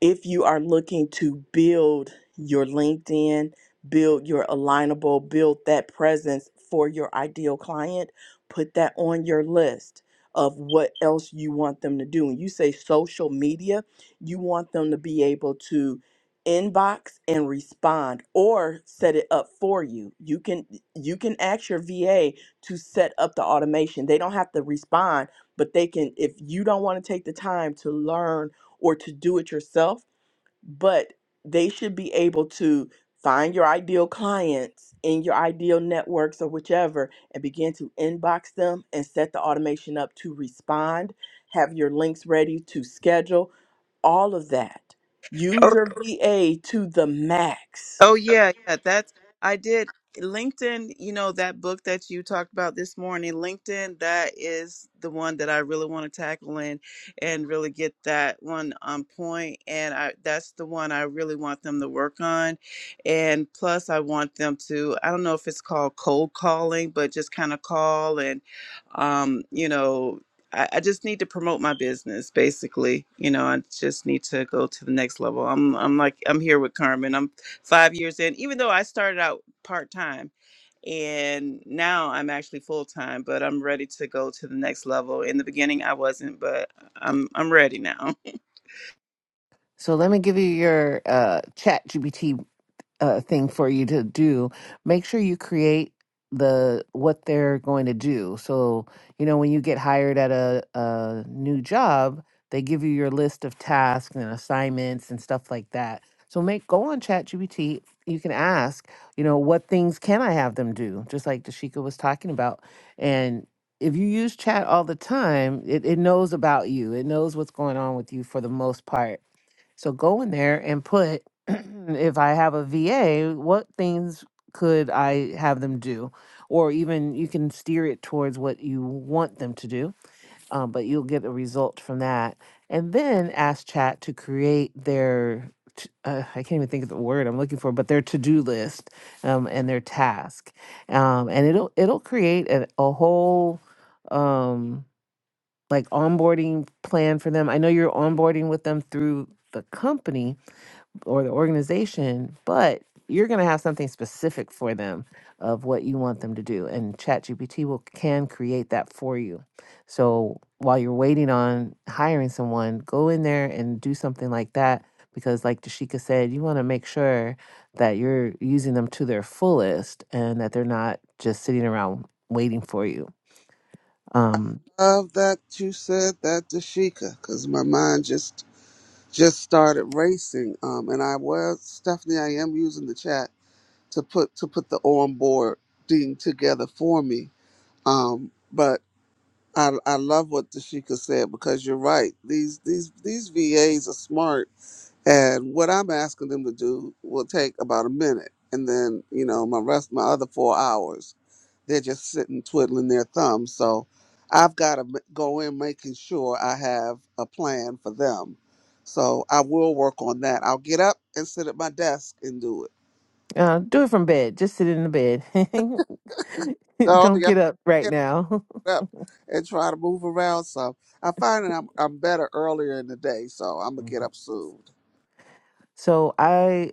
S1: if you are looking to build your LinkedIn, build your alignable, build that presence for your ideal client, put that on your list of what else you want them to do. And you say social media, you want them to be able to inbox and respond or set it up for you. You can you can ask your VA to set up the automation. They don't have to respond, but they can if you don't want to take the time to learn or to do it yourself, but they should be able to find your ideal clients in your ideal networks or whichever and begin to inbox them and set the automation up to respond, have your links ready to schedule, all of that. Use your VA to the max.
S6: Oh yeah, yeah, that's I did LinkedIn, you know, that book that you talked about this morning, LinkedIn, that is the one that I really want to tackle in and really get that one on point point. and I that's the one I really want them to work on. And plus I want them to I don't know if it's called cold calling, but just kind of call and um, you know, I, I just need to promote my business basically. You know, I just need to go to the next level. I'm I'm like I'm here with Carmen five years in, even though I started out part time and now I'm actually full time, but I'm ready to go to the next level. In the beginning, I wasn't, but I'm I'm ready now.
S2: So let me give you your uh, chat uh, thing for you to do, make sure you create the what they're going to do. So, you know, when you get hired at a, a new job, they give you your list of tasks and assignments and stuff like that. So make go on ChatGPT. You can ask, you know, what things can I have them do? Just like Dashika was talking about. And if you use chat all the time, it, it knows about you. It knows what's going on with you for the most part so go in there and put [CLEARS THROAT] if I have a VA, what things could I have them do? Or even you can steer it towards what you want them to do, um, but you'll get a result from that. And then ask chat to create their, t- uh, I can't even think of the word I'm looking for, but their to-do list um, and their task. Um, and it'll, it'll create a, a whole, um, like onboarding plan for them. I know you're onboarding with them through the company, or the organization, but you're going to have something specific for them of what you want them to do, and ChatGPT will can create that for you. So while you're waiting on hiring someone, go in there and do something like that because, like Dashika said, you want to make sure that you're using them to their fullest and that they're not just sitting around waiting for you. Um,
S3: love that you said that, Dashika, because my mind just just started racing. Um, and I was Stephanie. I am using the chat to put to put the onboarding together for me. Um, but I I love what Dashika said because you're right. These these these VAs are smart, and what I'm asking them to do will take about a minute, and then you know my rest my other four hours. They're just sitting twiddling their thumbs. So I've got to go in making sure I have a plan for them. So I will work on that. I'll get up and sit at my desk and do it.
S2: uh, do it from bed. Just sit in the bed. [LAUGHS]
S3: So
S2: Don't
S3: yeah,
S2: get up right
S3: get
S2: now.
S3: up and try to move around some. I find that I'm, I'm better earlier in the day, so I'm gonna
S2: [LAUGHS]
S3: get up soon.
S2: So I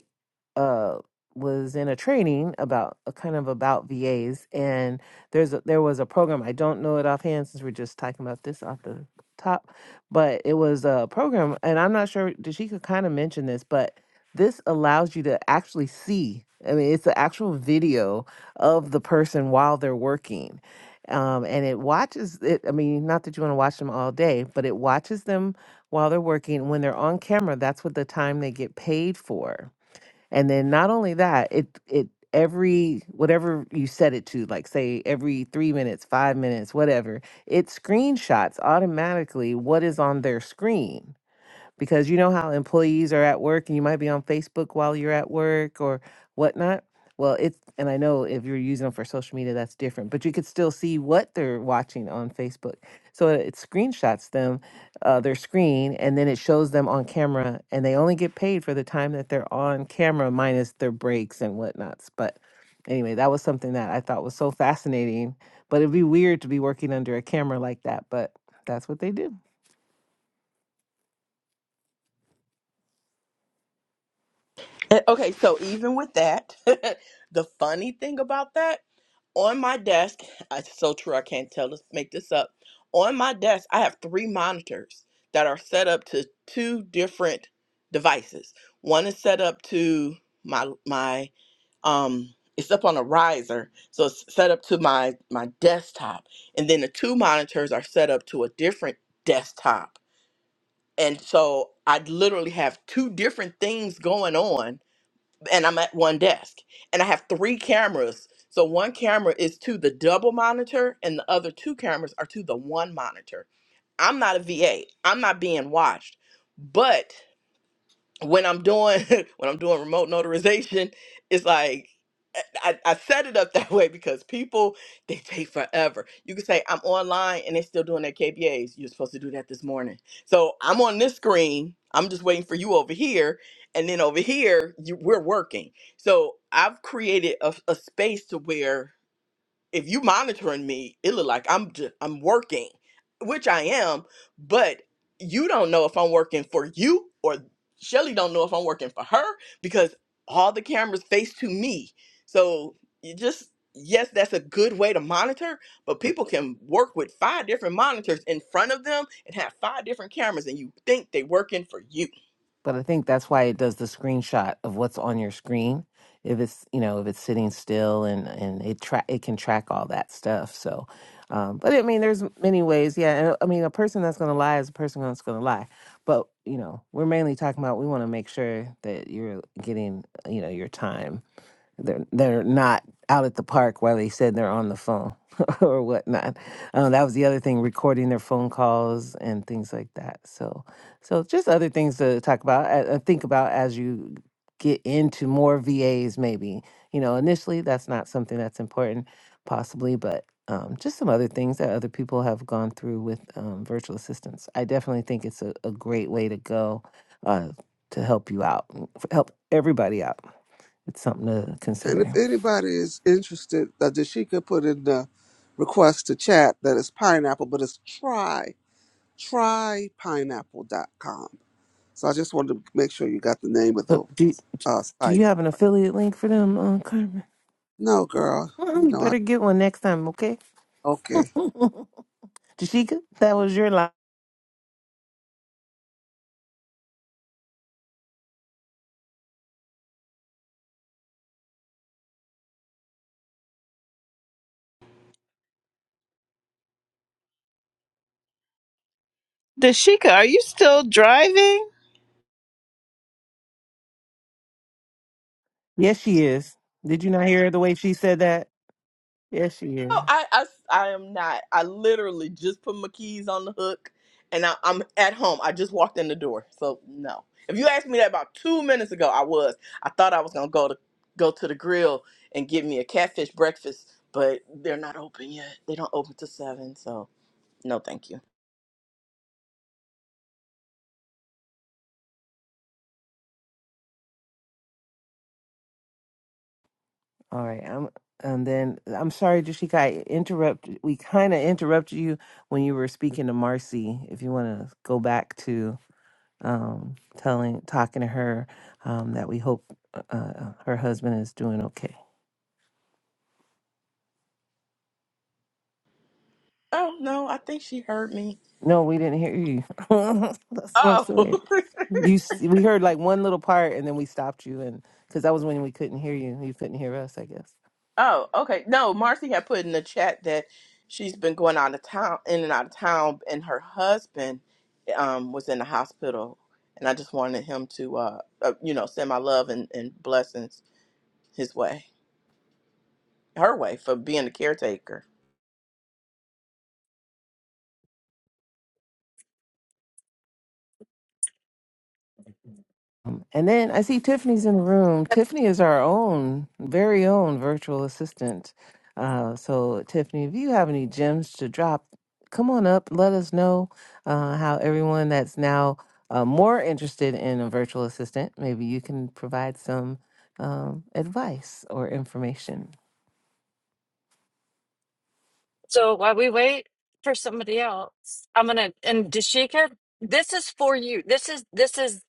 S2: uh was in a training about uh, kind of about VAs and there's a, there was a program I don't know it offhand since we're just talking about this off the top but it was a program and I'm not sure Dashika kind of mentioned this but this allows you to actually see I mean it's the actual video of the person while they're working um, and it watches it I mean not that you want to watch them all day but it watches them while they're working when they're on camera that's what the time they get paid for and then not only that, it it every whatever you set it to, like say every three minutes, five minutes, whatever, it screenshots automatically what is on their screen because you know how employees are at work and you might be on Facebook while you're at work or whatnot. Well, it's, and I know if you're using them for social media, that's different, but you could still see what they're watching on Facebook. So it screenshots them, uh, their screen, and then it shows them on camera, and they only get paid for the time that they're on camera, minus their breaks and whatnots. But anyway, that was something that I thought was so fascinating. But it'd be weird to be working under a camera like that, but that's what they do.
S1: [LAUGHS] And- Okay, so even with that, [LAUGHS] the funny thing about that, on my desk, it's so true, I can't tell, let's make this up. On my desk, I have three monitors that are set up to two different devices. One is set up to my my um it's up on a riser, so it's set up to my my desktop. And then the two monitors are set up to a different desktop. And so I literally have two different things going on and I'm at one desk and I have three cameras. So one camera is to the double monitor and the other two cameras are to the one monitor. I'm not a VA. I'm not being watched. but when I'm doing [LAUGHS] when I'm doing remote notarization, it's like I, I set it up [LAUGHS] that way because people they take forever. You can say I'm online and they're still doing their KBAs. You're supposed to do that this morning. So I'm on this screen. I'm just waiting for you over here, and then over here you, we're working. So I've created a, a space to where if you monitoring me, it look like I'm just, I'm working, which I am, but you don't know if I'm working for you or Shelly don't know if I'm working for her because all the cameras face to me. So you just yes, that's a good way to monitor, but
S2: But
S1: people can work with five different monitors in front of them and have five different cameras and you think they working for you.
S2: but I think that's why it does the screenshot of what's on your screen. If it's you know if it's sitting still and and it track it can track all that stuff. So, um, but I mean, there's many ways. Yeah, and I mean, a person that's going to lie is a person that's going to lie. But you know, we're mainly talking about we want to make sure that you're getting you know your time they're they're not out at the park while they said they're on the phone [LAUGHS] or whatnot. Uh, that was the other thing, recording their phone calls and things like that. So, so just other things to talk about, uh, uh, think about as you get into more VAs. Maybe you know initially that's not something that's important, possibly, but um, just some other things that other people have gone through with um, virtual assistants. I definitely think it's a, a great way to go uh, to help you out, help everybody out. It's something to
S3: And if
S2: consider.
S3: anybody is interested, uh, Dashika put in the request to chat that it's pineapple, but it's try, trypineapple.com. So I just wanted to make sure you got the name of the
S2: So, do
S3: uh,
S2: do
S3: site.
S2: you have an affiliate link for them, uh, Carmen?
S3: No, girl,
S2: [LAUGHS]
S3: you
S2: you
S3: know I.
S2: better get one next time, okay?
S3: Okay,
S2: [LAUGHS] Jashika, that was your line.
S6: [LAUGHS] Dashika, are you still driving?
S2: Yes, she is. Did you not hear the way she said that? Yes, she
S1: No,
S2: is.
S1: I, I s- I am not. I literally just put my keys on the hook and I, I'm at home. I just walked in the door. So no. If you asked me that about two minutes ago, I was. I thought I was gonna go to go to the grill and get me a catfish breakfast, but they're not open yet. They don't open till seven, so no thank you.
S2: All right. I'm, and then I'm sorry, Jashika. I interrupted. We kind of interrupted you when you were speaking to Marcy. If you want to go back to um, telling, talking to her um, that we hope uh, uh, her husband is doing okay.
S1: Oh no, I think she heard me.
S2: No, we didn't hear you. [LAUGHS] That's what I'm saying.
S1: Oh [LAUGHS]
S2: You, s- we heard like one little part, and then we stopped you, and because that was when we couldn't hear you. You couldn't hear us, I guess.
S1: Oh, okay. No, Marcy had put in the chat that she's been going out of town, in and out of town, and her husband um, was in the hospital, and I just wanted him to, uh, uh, you know, send my love and, and blessings his way, her way, for being the caretaker.
S2: Um, and then I see Tiffany's in the room. Tiffany is our own, very own virtual assistant. Uh, so Tiffany, if you have any gems to drop, come on up. Let us know uh, how everyone that's now uh, more interested in a virtual assistant, maybe you can provide some um, advice or information.
S4: Right? I'm gonna and Dashika, this is for you. This is this is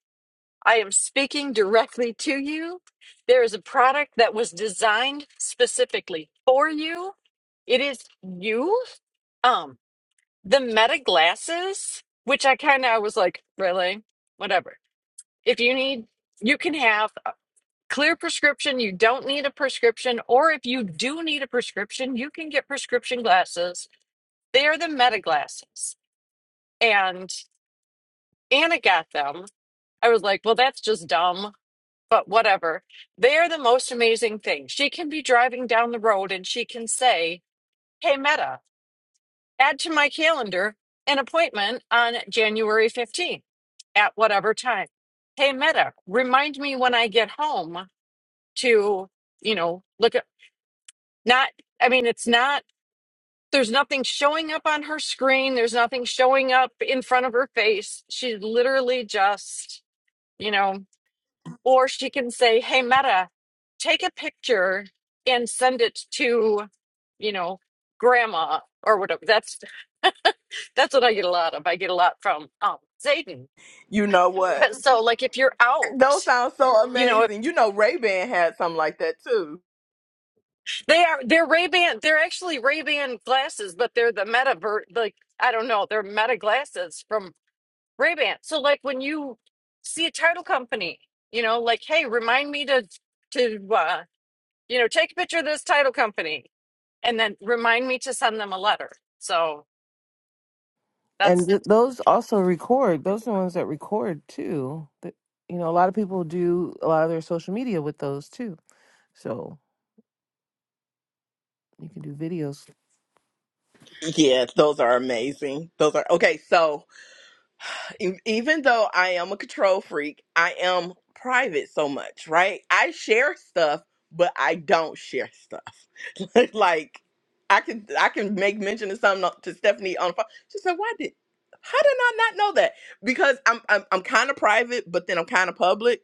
S4: I am speaking directly to you. There is a product that was designed specifically for you. It is you. Um, the Meta glasses, which I kind of I was like, really, whatever. If you need, you can have a clear prescription. You don't need a prescription, or if you do need a prescription, you can get prescription glasses. They are the Meta glasses, and Anna got them. I was like, well, that's just dumb, but whatever. They are the most amazing thing. She can be driving down the road and she can say, Hey, Meta, add to my calendar an appointment on January 15th at whatever time. Hey, Meta, remind me when I get home to, you know, look at not, I mean, it's not, there's nothing showing up on her screen. There's nothing showing up in front of her face. She's literally just, you know, Or she can say, hey, Meta, take a picture and send it to, you know, grandma or whatever. That's that's what I get a lot of. I get a lot from um Zayden.
S1: You know what?
S4: But so like if you're out,
S1: Those sound so
S4: you know, if
S1: amazing. You know, Ray Ban had something like that too.
S4: they are they're Ray-Ban, they're actually Ray-Ban glasses, but they're the meta ver- like I don't know, they're meta glasses from Ray-Ban. So like when you see a title company, you know, like hey, remind me to to uh, you know, take a picture of this title company and then remind me to send them a letter. So
S2: and
S4: that's
S2: th- those also record those are the ones that record too that you know a lot of people do a lot of their social media with those too so you can do videos
S1: Yeah, those are amazing. Those are okay. So. e- even though I am a control freak, I am private so much, right? I share stuff, but I don't share stuff. [LAUGHS] like like, I can I can make mention of something to Stephanie on the phone. She said, "Why did? How did I not know that? Because I'm I'm I'm kind of private, but then I'm kind of public."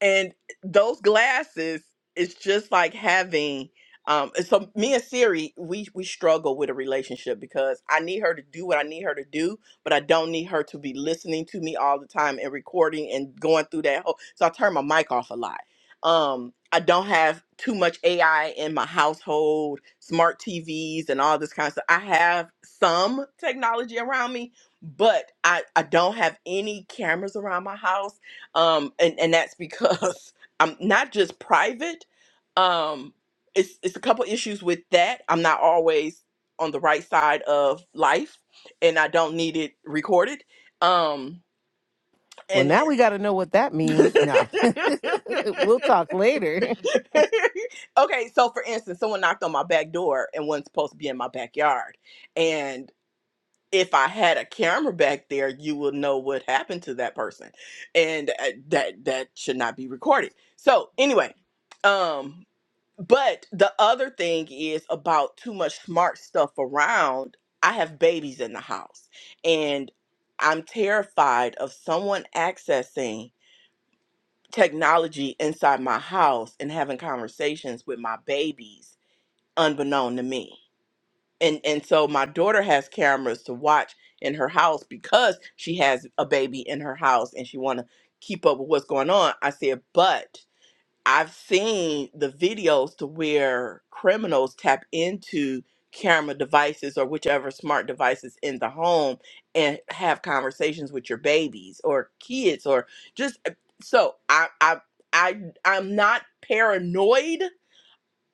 S1: and those glasses it's just like having um and so me and siri we we struggle with a relationship because i need her to do what i need her to do but i don't need her to be listening to me all the time and recording and going through that whole so i turn my mic off a lot um i don't have too much ai in my household smart tvs and all this kind of stuff i have some technology around me but i i don't have any cameras around my house um, and and that's because [LAUGHS] I'm not just private. Um, it's it's a couple issues with that. I'm not always on the right side of life, and I don't need it recorded. Um,
S2: well
S1: and
S2: now we got to know what that
S1: [LAUGHS]
S2: means nah [LAUGHS] we'll talk later
S1: okay, so for instance, someone knocked on my back door and wasn't supposed to be in my backyard, if I had a camera back there, you would know what happened to that person, and uh, that that should not be recorded. So anyway, um, but the other thing is about too much smart stuff around. I have babies in the house, and I'm terrified of someone accessing technology inside my house and having conversations with my babies unbeknown to me and and so my daughter has cameras to watch in her house because she has a baby in her house and she want to keep up with what's going on i said but i've seen the videos to where criminals tap into camera devices or whichever smart devices in the home and have conversations with your babies or kids or just eh, so i i, I i'm not paranoid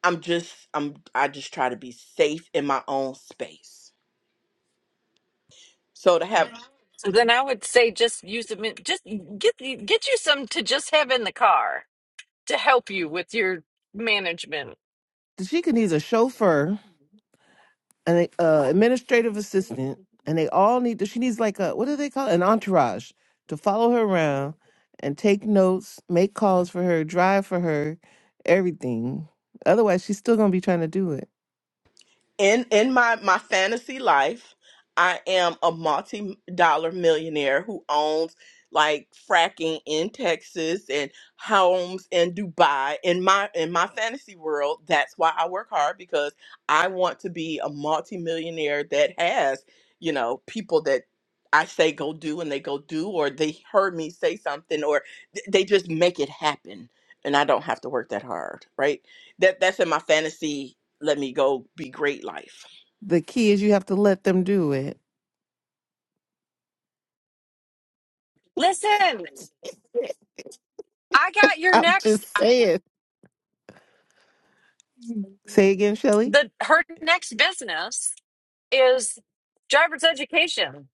S1: I'm just I'm I just try to be safe in my own space. So to have
S4: so then I would say just use them in, just get get you some to just have in the car to help you with your management.
S2: she could use a chauffeur an uh, administrative assistant, and they all need to. She needs like a what do they call it? an entourage to follow her around and take notes, make calls for her, drive for her, everything. Otherwise, she's still gonna be trying to do it.
S1: in in my my fantasy life i am a multi-dollar millionaire who owns like fracking in texas and homes in dubai in my in my fantasy world that's why i work hard because i want to be a multi-millionaire that has you know people that i say go do and they go do or they heard me say something or th- they just make it happen and i don't have to work that hard right that that's in my fantasy let me go be great life.
S2: The key is you have to let them do it.
S4: Listen, I got your
S2: I'm
S4: next
S2: just saying. Say again, Shelly.
S4: the her next business is driver's education.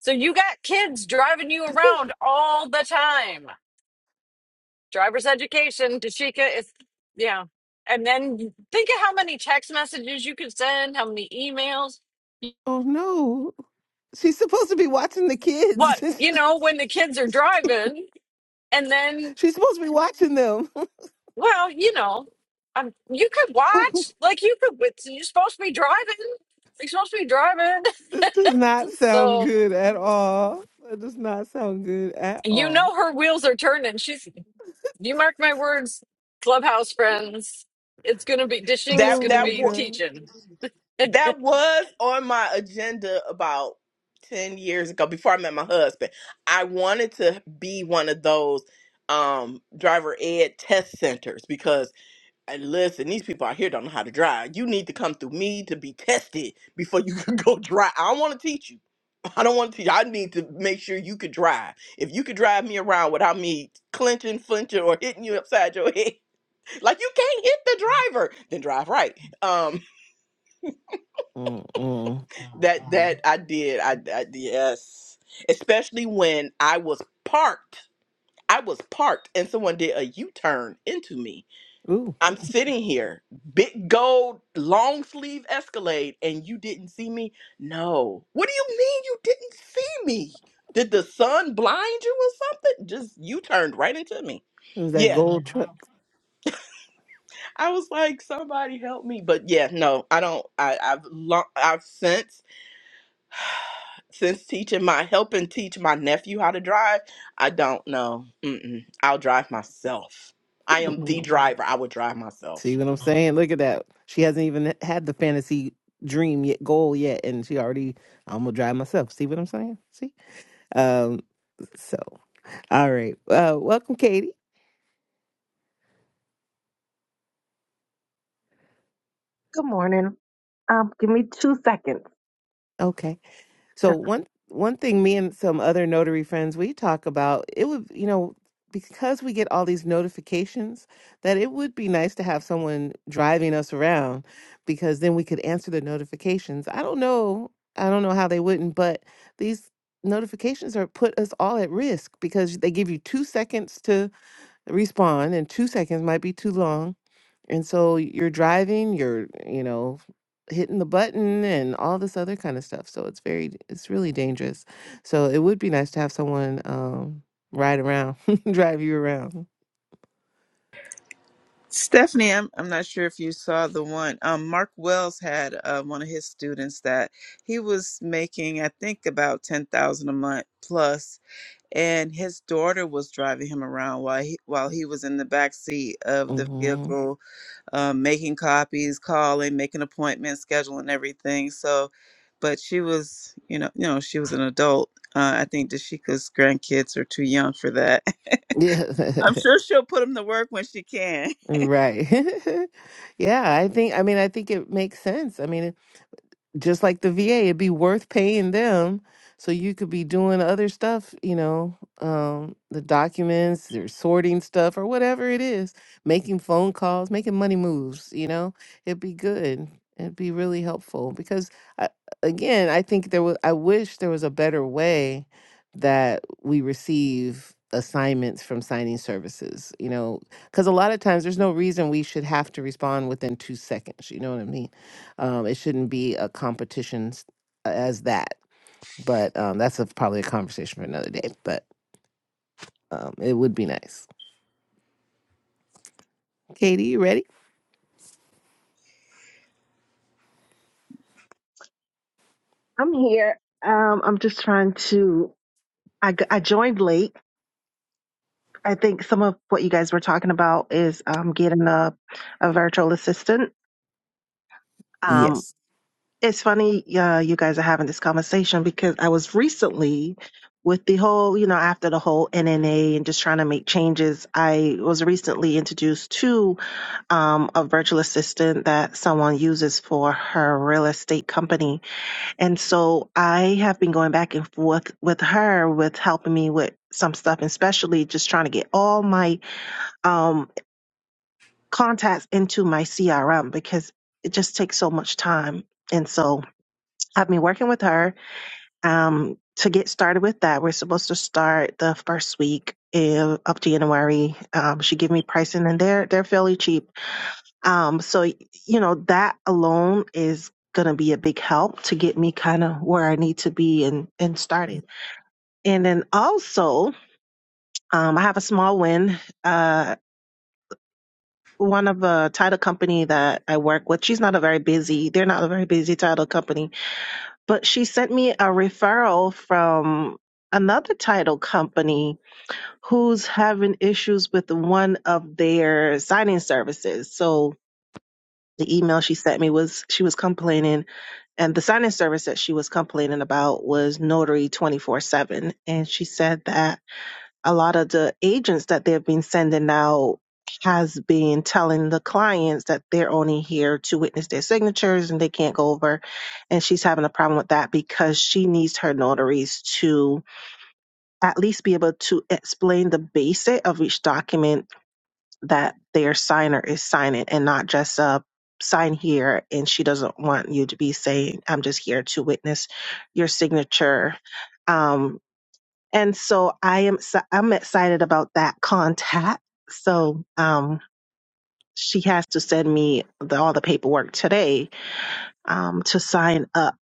S4: So you got kids driving you around all the time. driver's education. Tashika is, yeah. And then you- think of how many text messages you could send, how many emails.
S2: Oh no. She's supposed to be watching the kids.
S4: What,
S2: [LAUGHS]
S4: you know, when the kids are driving, and then,
S2: She's supposed to be watching them.
S4: well, you know, um, you could
S2: [LAUGHS]
S4: watch, like, you could, it's- you're supposed to be driving. You're supposed to be driving.
S2: this does not
S4: [LAUGHS]
S2: sound
S4: so,
S2: good at all. That does not sound good at
S4: you
S2: all.
S4: know, her wheels are turning. She's, you mark my words, clubhouse friends, it's going to be, Tashika's
S1: That
S4: going
S2: Oh
S4: to
S2: my
S1: that
S4: be
S1: wa-
S2: god.
S4: teaching.
S1: that was on my agenda about 10 years ago before I met my husband. I wanted to be one of those um driver ed test centers because and listen, these people out here don't know how to drive. You need to come through me to be tested before you can [LAUGHS] go drive. I don't want to teach you. I don't want to teach. you. I need to make sure you could drive. If you could drive me around without me clinching, flinching, or hitting you upside your [LAUGHS] head, like you can't hit the driver then drive right um
S2: Mm-mm.
S1: [LAUGHS] that Uh-huh. that i did i, I yes especially when i was parked i was parked and someone did a u-turn into me
S2: Ooh,
S1: i'm sitting [LAUGHS] here big gold long sleeve escalade and you didn't see me no what do you mean you didn't see me did the sun blind you or something just you turned right into me
S2: it was that
S1: yeah
S2: gold truck.
S1: I was like, somebody help me. But yeah, no, I don't. I, I've long, I've since since teaching my helping teach my nephew how to drive. I don't know. Mm-mm. I'll drive myself.
S2: [LAUGHS]
S1: I am the
S2: mm
S1: driver. I would drive myself.
S2: See what I'm saying? Look at that. She hasn't even had the fantasy dream yet, goal yet, and she already. I'm gonna drive myself. See what I'm saying? See. Um. So. All right. Uh, welcome, Katie.
S7: Good morning. Um, give me two seconds.
S2: Okay. So one one thing me and some other notary friends we talk about it would you know because we get all these notifications that it would be nice to have someone driving us around because then we could answer the notifications. I don't know. I don't know how they wouldn't, but these notifications are put us all at risk because they give you 2 seconds to respond and 2 seconds might be too long And so you're driving, you're, you know, hitting the button and all this other kind of stuff. So it's very, it's really dangerous. So it would be nice to have someone um, ride around, [LAUGHS] drive you around.
S6: Stephanie, I'm, I'm not sure if you saw the one. Um, Mark Wells had uh, one of his students that he was making, I think, about ten thousand a month plus, and his daughter was driving him around while he while he was in the back seat of the
S2: hmm
S6: vehicle, um, making copies, calling, making appointments, scheduling everything. So, but she was, you know, you know, she was an adult. Uh, I think Dashika's grandkids are too young for that. [LAUGHS]
S2: Yeah.
S6: I'm sure she'll put them to work when she can.
S2: [LAUGHS] right. [LAUGHS] yeah. I think, I mean, I think it makes sense. I mean, just like the VA, it'd be worth paying them so you could be doing other stuff, you know, um, the documents or sorting stuff or whatever it is, making phone calls, making money moves, you know, it'd be good. It'd be really helpful because, I, again, I think there was, I wish there was a better way that we receive assignments from signing services, you know, because a lot of times there's no reason we should have to respond within two seconds. You know what I mean? Um, it shouldn't be a competition s- as that, but um, that's a, probably a conversation for another day. But um, it would be nice. Katie, you ready?
S7: I'm here. Um, I'm just trying to. I, g- I joined late. I think some of what you guys were talking about is um, getting a, a virtual assistant. Um,
S2: Yes.
S7: it's funny uh, you guys are having this conversation because I was recently with the whole, you know, after the whole NNA and just trying to make changes. I was recently introduced to um, a virtual assistant that someone uses for her real estate company And so I have been going back and forth with her with helping me with some stuff, and especially just trying to get all my um, contacts into my CRM because it just takes so much time. And so I've been working with her um, to get started with that. We're supposed to start the first week of of January. Um, she gave me pricing, and they're they're fairly cheap. Um, so you know that alone is going to be a big help to get me kind of where I need to be and and started. And then also, um, I have a small win. Uh, one of a title company that I work with, she's not a very busy, they're not a very busy title company, but she sent me a referral from another title company who's having issues with one of their signing services. So the email she sent me was she was complaining and the signing service that she was complaining about was notary 24 7 and she said that a lot of the agents that they've been sending out has been telling the clients that they're only here to witness their signatures and they can't go over. And she's having a problem with that because she needs her notaries to at least be able to explain the basic of each document that their signer is signing and not just a sign here and she doesn't want you to be saying i'm just here to witness your signature Um, and so I am s- I'm excited about that contact. So um, she has to send me the, all the paperwork today um, to sign up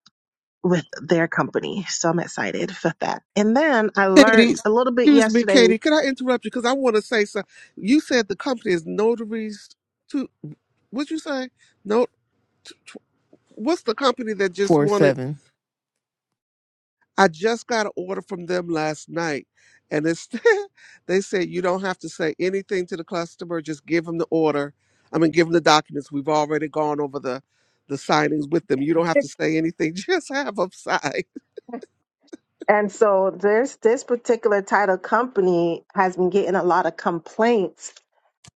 S7: with their company. So I'm excited for that. And then I
S3: Katie.
S7: learned a little bit
S3: Excuse me,
S7: yesterday.
S3: Katie. Can I interrupt you? Because I want to say something. You said the company is notaries to. What'd you say? No. t- t- What's the company that just
S2: Four
S3: wanted?
S2: seven.
S3: I just got an order from them last night, and it's [LAUGHS] they said you don't have to say anything to the customer. Just give them the order. I mean, give them the documents. We've already gone over the the signings with them. You don't have to say anything. [LAUGHS] Just have them sign.
S7: And so this this particular title company has been getting a lot of complaints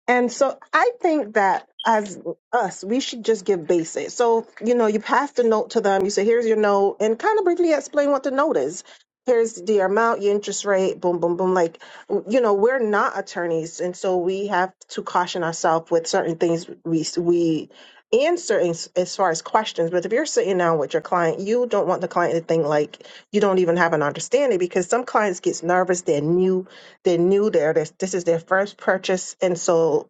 S7: and so I think that as us, we should just give basic. So, you know, you pass the note to them, you say, here's your note, and kind of briefly explain what the note is. Here's the amount, your interest rate, boom, boom, boom. Like, you know, we're not attorneys. And so we have to caution ourselves with certain things we, we answer as, as far as questions. But if you're sitting down with your client, you don't want the client to think like you don't even have an understanding because some clients gets nervous. They're new they're new there. This, this is their first purchase, and so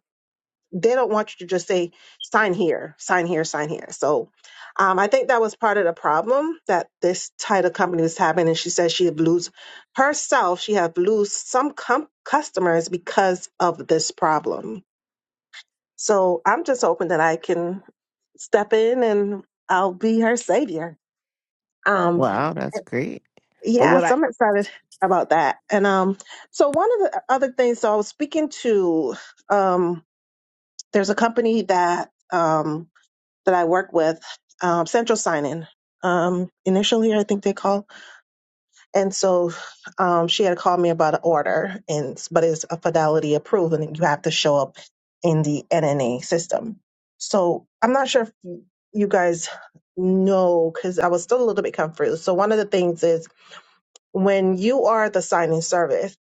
S7: they don't want you to just say sign here sign here sign here so um, i think that was part of the problem that this title company was having and she said she had lose herself she had lose some com- customers because of this problem so i'm just hoping that i can step in and i'll be her savior um,
S2: Wow, that's great. But
S7: yeah,
S2: what I
S7: so I'm excited about that. And um, so one of the other things, so I was speaking to um, there's a company that um that I work with, um, Central Sign-In. Um, initially, I think they call, and so um, she had called me about an order, and but it's a fidelity approved, and you have to show up in the NNA system. So I'm not sure if you guys know because I was still a little bit confused. So one of the things is when you are the signing service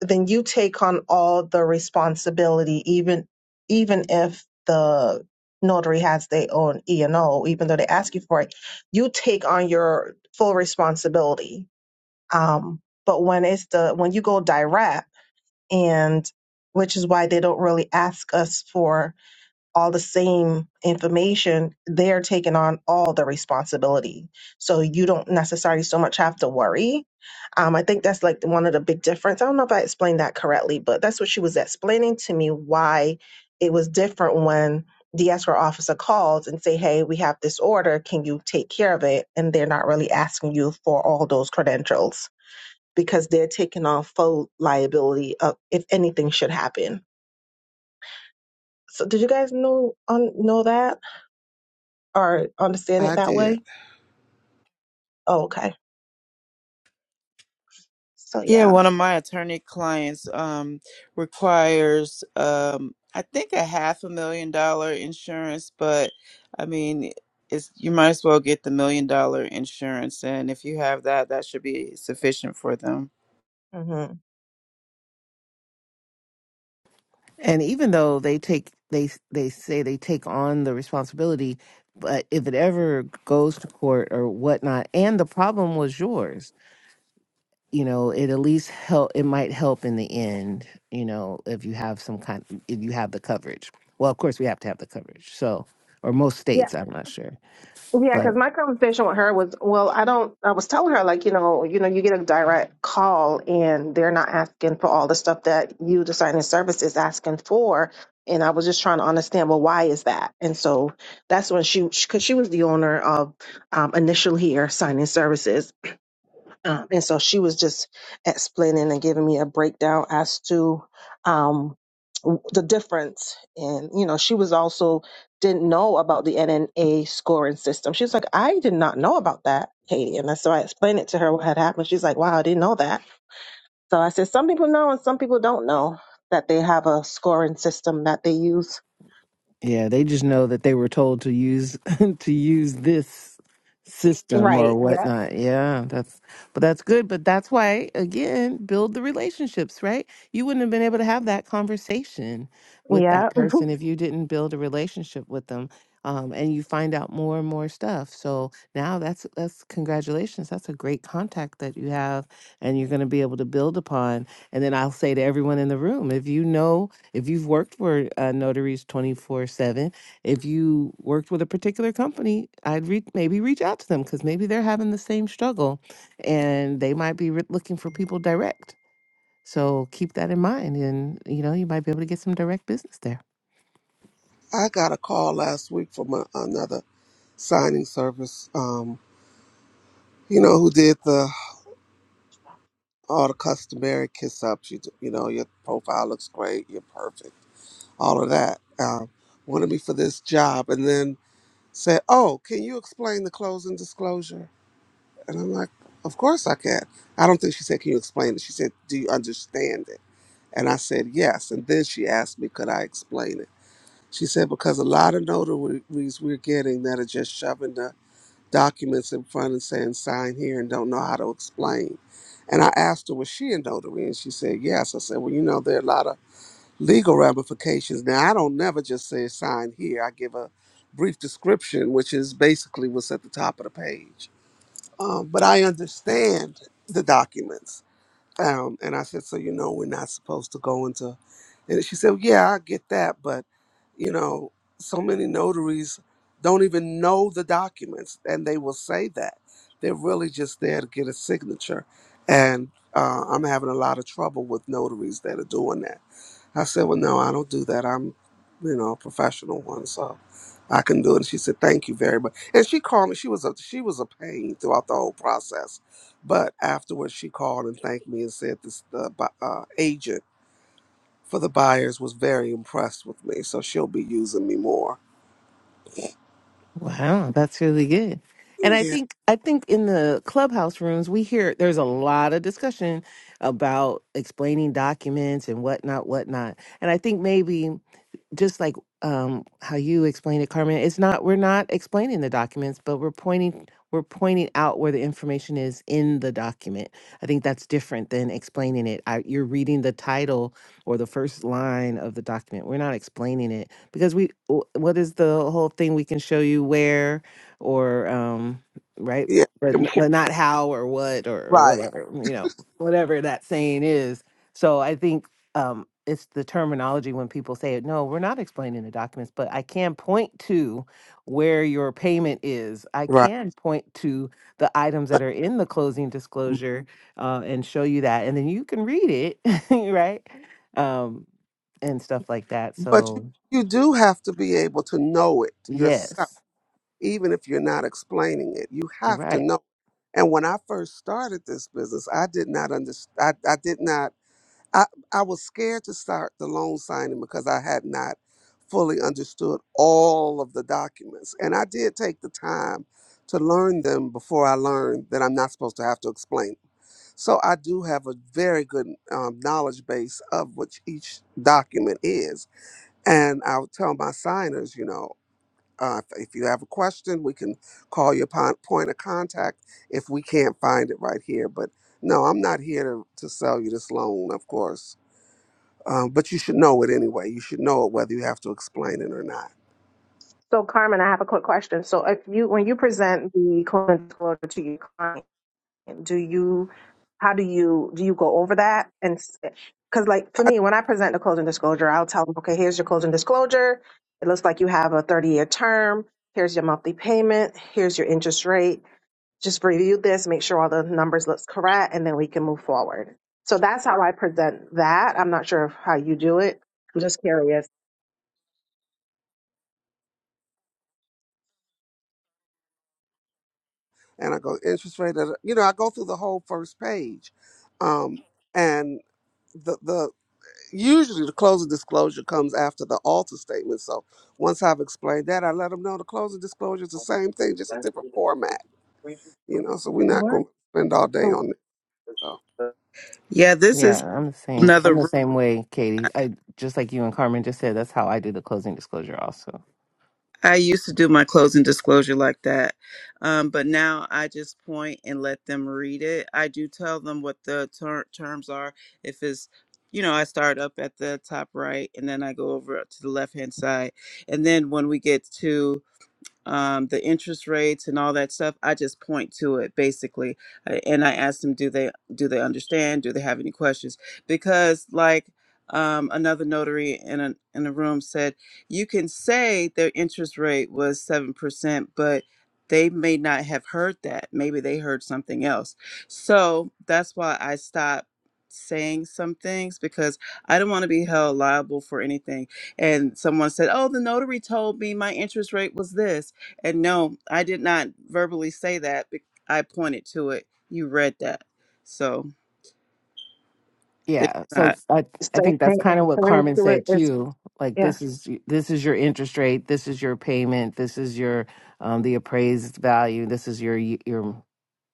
S7: then you take on all the responsibility, even even if the notary has their own E and O, even though they ask you for it, you take on your full responsibility. Um, but when it's the when you go direct, and which is why they don't really ask us for all the same information, they're taking on all the responsibility. So you don't necessarily so much have to worry. Um, I think that's like the- one of the big difference. I don't know if I explained that correctly, but that's what she was explaining to me why it was different when the escrow officer calls and say, "Hey, we have this order. Can you take care of it?" And they're not really asking you for all those credentials because they're taking on full liability of if anything should happen. So, did you guys know um, know that? or understand it
S3: I
S7: that
S3: did.
S7: way? Oh, okay. So
S6: Yeah,
S7: yeah.
S6: one of my attorney clients um, requires, um, I think, a half a million dollar insurance, but I mean, it's, you might as well get the million dollar insurance. And if you have that, that should be sufficient for them.
S7: hmm
S2: and even though they take they they say they take on the responsibility, but if it ever goes to court or whatnot, and the problem was yours, you know it at least help it might help in the end you know if you have some kind if you have the coverage well of course we have to have the coverage so or most states i'm not sure
S7: Yeah,
S2: but.
S7: because my conversation with her was, well, I don't. I was telling her like, you know, you know, you get a direct call and they're not asking for all the stuff that you, the signing service, is asking for. And I was just trying to understand, well, why is that? And so that's when she, because she was the owner of um, Initial Here Signing Services, um, and so she was just explaining and giving me a breakdown as to um, w- the difference. And, you know, she was also didn't know about the NNA scoring system. She's like, I did not know about that, Katie. And so I explained it to her what had happened. She's like, wow, I didn't know that. So I said, some people know and some people don't know that they have a scoring system that they use.
S2: Yeah, they just know that they were told to use [LAUGHS] to use this system or
S7: Right. Yeah.
S2: whatnot. Yeah, that's but that's good. But that's why again, build the relationships, right? You wouldn't have been able to have that conversation with that
S7: Yeah. [LAUGHS]
S2: person if you didn't build a relationship with them. Um, and you find out more and more stuff. So now that's that's congratulations. That's a great contact that you have, and you're going to be able to build upon. And then I'll say to everyone in the room, if you know if you've worked for uh, notaries 24 7, if you worked with a particular company, I'd re- maybe reach out to them because maybe they're having the same struggle and they might be re- looking for people direct. So keep that in mind and you know, you might be able to get some direct business there.
S3: I got a call last week from a, another signing service. Um, you know who did the all the customary kiss ups. You, do- you know, your profile looks great. You're perfect. All of that. Um, wanted me for this job, and then said, "Oh, can you explain the closing disclosure?" And I'm like, "Of course I can." I don't think she said, "Can you explain it?" She said, "Do you understand it?" And I said, "Yes." And then she asked me, "Could I explain it?" She said, "Because a lot of notaries we're getting that are just shoving the documents in front and saying sign here and don't know how to explain. And I asked her, was she a notary? And she said, yes. I said, well, you know, there are a lot of legal ramifications. Now, I don't never just say sign here. I give a brief description, which is basically what's at the top of the page. Um, but I understand the documents. Um, and I said, so you know, we're not supposed to go into. And she said, yeah, I get that, but you know, so many notaries don't even know the documents, and they will say that they're really just there to get a signature. And uh, I'm having a lot of trouble with notaries that are doing that I said, Well, no, I don't do that. I'm, you know, a professional one, so I can do it. And she said, Thank you very much. And she called me. She was a she was a pain throughout the whole process. But afterwards she called and thanked me and said this the bu- uh, agent for the buyers was very impressed with me. So she'll be using me more.
S2: Wow, that's really good. And I
S3: Yeah.
S2: think I think in the clubhouse rooms we hear there's a lot of discussion about explaining documents and whatnot, whatnot. And I think maybe just like um, how you explained it, Carmen, it's not we're not explaining the documents, but we're pointing we're pointing out where the information is in the document. I think that's different than explaining it. I, you're reading the title or the first line of the document. We're not explaining it because we w- what is the whole thing we can show you where or um, right,
S3: Yeah.
S2: but n-
S3: Impor-
S2: but not how or what or, or
S3: Right.
S2: whatever you know whatever that saying is. So I think um, it's the terminology when people say it. No, we're not explaining the documents, but I can point to where your payment is. I
S3: Right.
S2: can point to the items that are in the closing disclosure uh, and show you that, and then you can read it, [LAUGHS] right? Um, and stuff like that.
S3: But you,
S2: So
S3: you do have to be able to know it yourself
S2: yes,
S3: even if you're not explaining it. You have to
S2: right.
S3: know. And when I first started this business, I did not understand. I, I did not. I, I was scared to start the loan signing because I had not fully understood all of the documents. And I did take the time to learn them before I learned that I'm not supposed to have to explain. So I do have a very good um, knowledge base of what each document is. And I'll tell my signers, you know, uh, if, if you have a question, we can call your pon- point of contact if we can't find it right here. But no, I'm not here to, to sell you this loan, of course. Um, but you should know it anyway. You should know it whether you have to explain it or not.
S7: So Carmen, I have a quick question. So if you, when you present the clinical disclosure to your client, do you how do you do you go over that and because like for
S3: I,
S7: me when i present the closing disclosure i'll tell them okay here's your closing disclosure it looks like you have a 30 year term here's your monthly payment here's your interest rate just review this make sure all the numbers looks correct and then we can move forward so that's how i present that i'm not sure of how you do it i'm just curious
S3: and I go interest rate. da- You know, I go through the whole first page, um, and the the usually the closing disclosure comes after the alter statement. So once I've explained that, I let them know the closing disclosure is the same thing, just a different format. You know, so we're not
S7: or
S3: going to spend all day
S7: so
S3: on. Oh,
S6: Yeah, this
S2: Yeah,
S6: is
S2: I'm the same. I'm
S6: another
S2: the
S6: room.
S2: same way, Katie. I just like you and Carmen just said. That's how I do the closing disclosure, also.
S6: I used to do my closing disclosure like that, um, but now I just point and let them read it. I do tell them what the ter- terms are. If it's, you know, I start up at the top right and then I go over to the left hand side, and then when we get to um, the interest rates and all that stuff. I just point to it basically, I- and I ask them, do they do they understand? Do they have any questions? Because like um, another notary in a in a room said, you can say their interest rate was seven percent, but they may not have heard that. Maybe they heard something else. So that's why I stopped saying some things because I don't want to be held liable for anything. And someone said, "Oh, the notary told me my interest rate was this." And no, I did not verbally say that. bec- I pointed to it. You read that. So it's
S2: Yeah. So
S6: not.
S2: I I
S7: same
S2: think that's
S7: thing
S2: kind
S7: and
S2: of what
S7: pointing
S2: Carmen
S7: to it
S2: said
S7: is
S2: too. Like
S7: yeah
S2: this is this is your interest rate. This is your payment. This is your um the appraised value. This is your your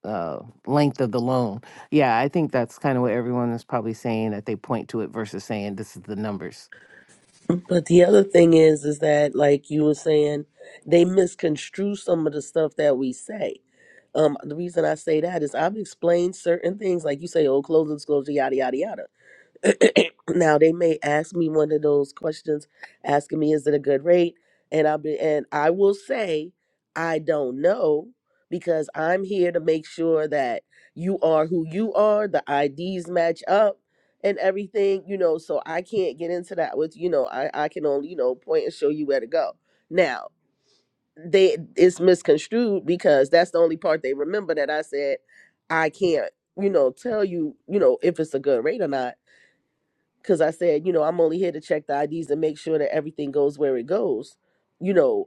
S2: uh, length of the loan. Yeah, I think that's kind of what everyone is probably saying that they point to it versus saying this is the numbers.
S8: But the other thing is, is that like you were saying, they misconstrue some of the stuff that we say. Um, the reason I say that is I've explained certain things, like you say, oh, closing disclosure, yada yada yada. [CLEARS THROAT] now they may ask me one of those questions asking me is it a good rate and i'll be and i will say i don't know because i'm here to make sure that you are who you are the ids match up and everything you know so i can't get into that with you know i i can only you know point and show you where to go now they it's misconstrued because that's the only part they remember that i said i can't you know tell you you know if it's a good rate or not because I said, you know, I'm only here to check the IDs and make sure that everything goes where it goes, you know,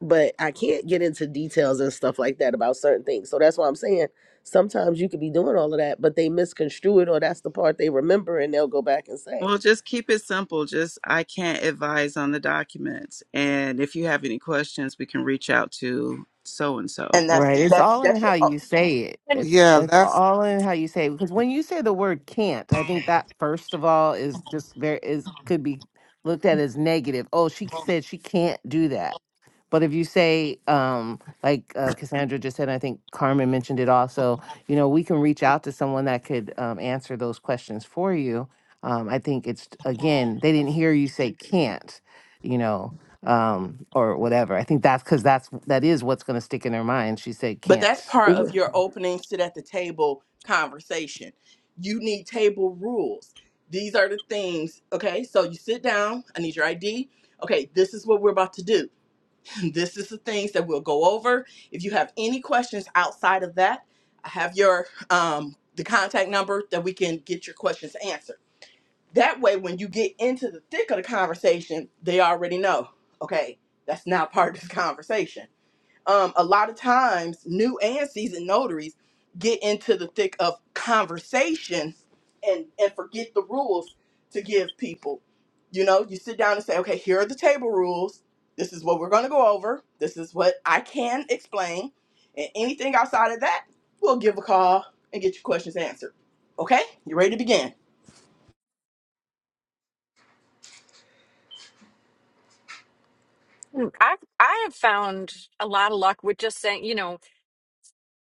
S8: but I can't get into details and stuff like that about certain things. So that's why I'm saying sometimes you could be doing all of that, but they misconstrue it or that's the part they remember and they'll go back and say.
S6: Well, just keep it simple. Just, I can't advise on the documents. And if you have any questions, we can reach out to so and so.
S1: And
S2: Right.
S1: that's
S2: It's
S1: that's
S2: all in
S1: that's your.
S2: how you
S1: o-
S2: say it.
S4: [LAUGHS]
S2: It's
S3: yeah,
S2: it's
S3: that's
S2: all in how you say it. Because when you say the word can't, I think that first of all is just there is could be looked at as negative. Oh, she said she can't do that. But if you say, um, like uh, Cassandra just said, I think Carmen mentioned it also. You know, we can reach out to someone that could um, answer those questions for you. Um, I think it's again, they didn't hear you say can't. You know, um, or whatever. I think that's because that's that is what's going to stick in her mind. She said
S1: But that's
S2: can't.
S1: part of your opening sit at the table conversation. You need table rules. These are the things. Okay, so you sit down. I need your ID. Okay, this is what we're about to do. [CLEARS THROAT] This is the things that we'll go over. If you have any questions outside of that, I have your um, the contact number that we can get your questions answered. That way, when you get into the thick of the conversation, they already know. Okay, that's not part of this conversation um, a lot of times new and seasoned notaries get into the thick of conversation and and forget the rules to give people you know you sit down and say okay here are the table rules this is what we're going to go over this is what i can explain and anything outside of that we'll give a call and get your questions answered okay you ready to begin
S4: Mm, I I have found a lot of luck with just saying, you know,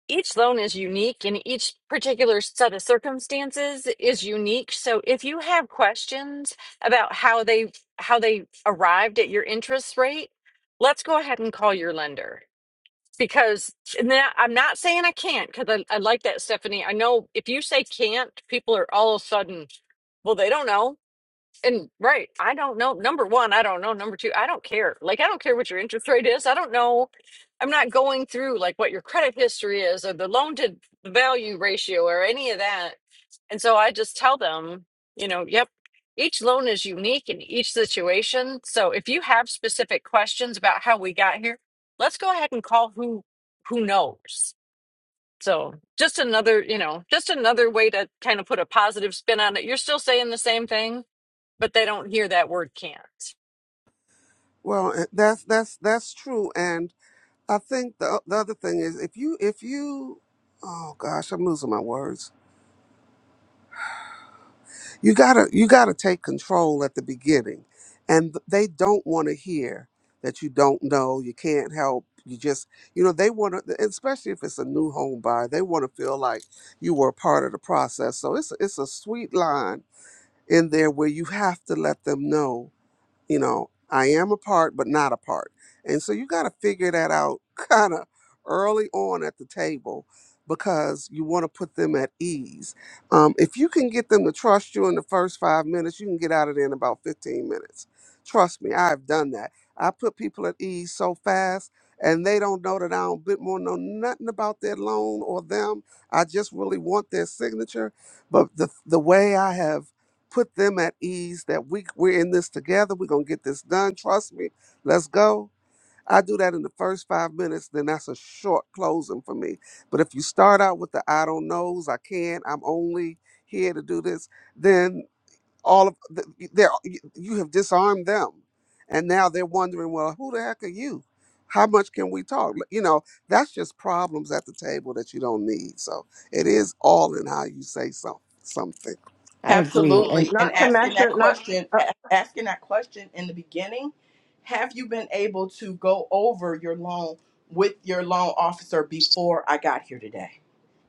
S4: each loan is unique and each particular set of circumstances is unique. So if you have questions about how they how they arrived at your interest rate, let's go ahead and call your lender. Because and that, I'm not saying I can't, because I, I like that, Stephanie. I know if you say can't, people are all of a sudden, well, they don't know and right, I don't know. Number one, I don't know. Number two, I don't care. Like, I don't care what your interest rate is. I don't know. I'm not going through like what your credit history is or the loan to value ratio or any of that. And so I just tell them, you know, yep, each loan is unique in each situation. So if you have specific questions about how we got here, let's go ahead and call who who knows. So just another, you know, just another way to kind of put a positive spin on it. You're still saying the same thing but they don't hear that word can't.
S3: well, eh, that's that's that's true. And I think the the other thing is if you if you oh gosh, I'm losing my words. You gotta you gotta take control at the beginning, and th- they don't want to hear that you don't know, you can't help. You just, you know, they want to, especially if it's a new home buyer, they want to feel like you were a part of the process. So it's it's a sweet line in there where you have to let them know you know i am a part but not a part and so you got to figure that out [LAUGHS] kind of early on at the table because you want to put them at ease um, if you can get them to trust you in the first five minutes you can get out of there in about 15 minutes trust me i've done that i put people at ease so fast and they don't know that i don't bit more know nothing about their loan or them i just really want their signature but the, the way i have put them at ease that we we're in this together. We're gonna get this done. Trust me. Let's go. I do that in the first five minutes, then that's a short closing for me. But if you start out with the I don't knows, I can't, I'm only here to do this, then all of the, they're, you you have disarmed them. And now they're wondering, well, who the heck are you? How much can we talk? You know, that's just problems at the table that you don't need. So it is all in how you say some, something.
S2: I agree,
S1: Absolutely. And
S7: not to
S1: asking that
S7: measure not
S1: question,
S7: uh,
S1: a- asking that question in the beginning, have you been able to go over your loan with your loan officer before I got here today?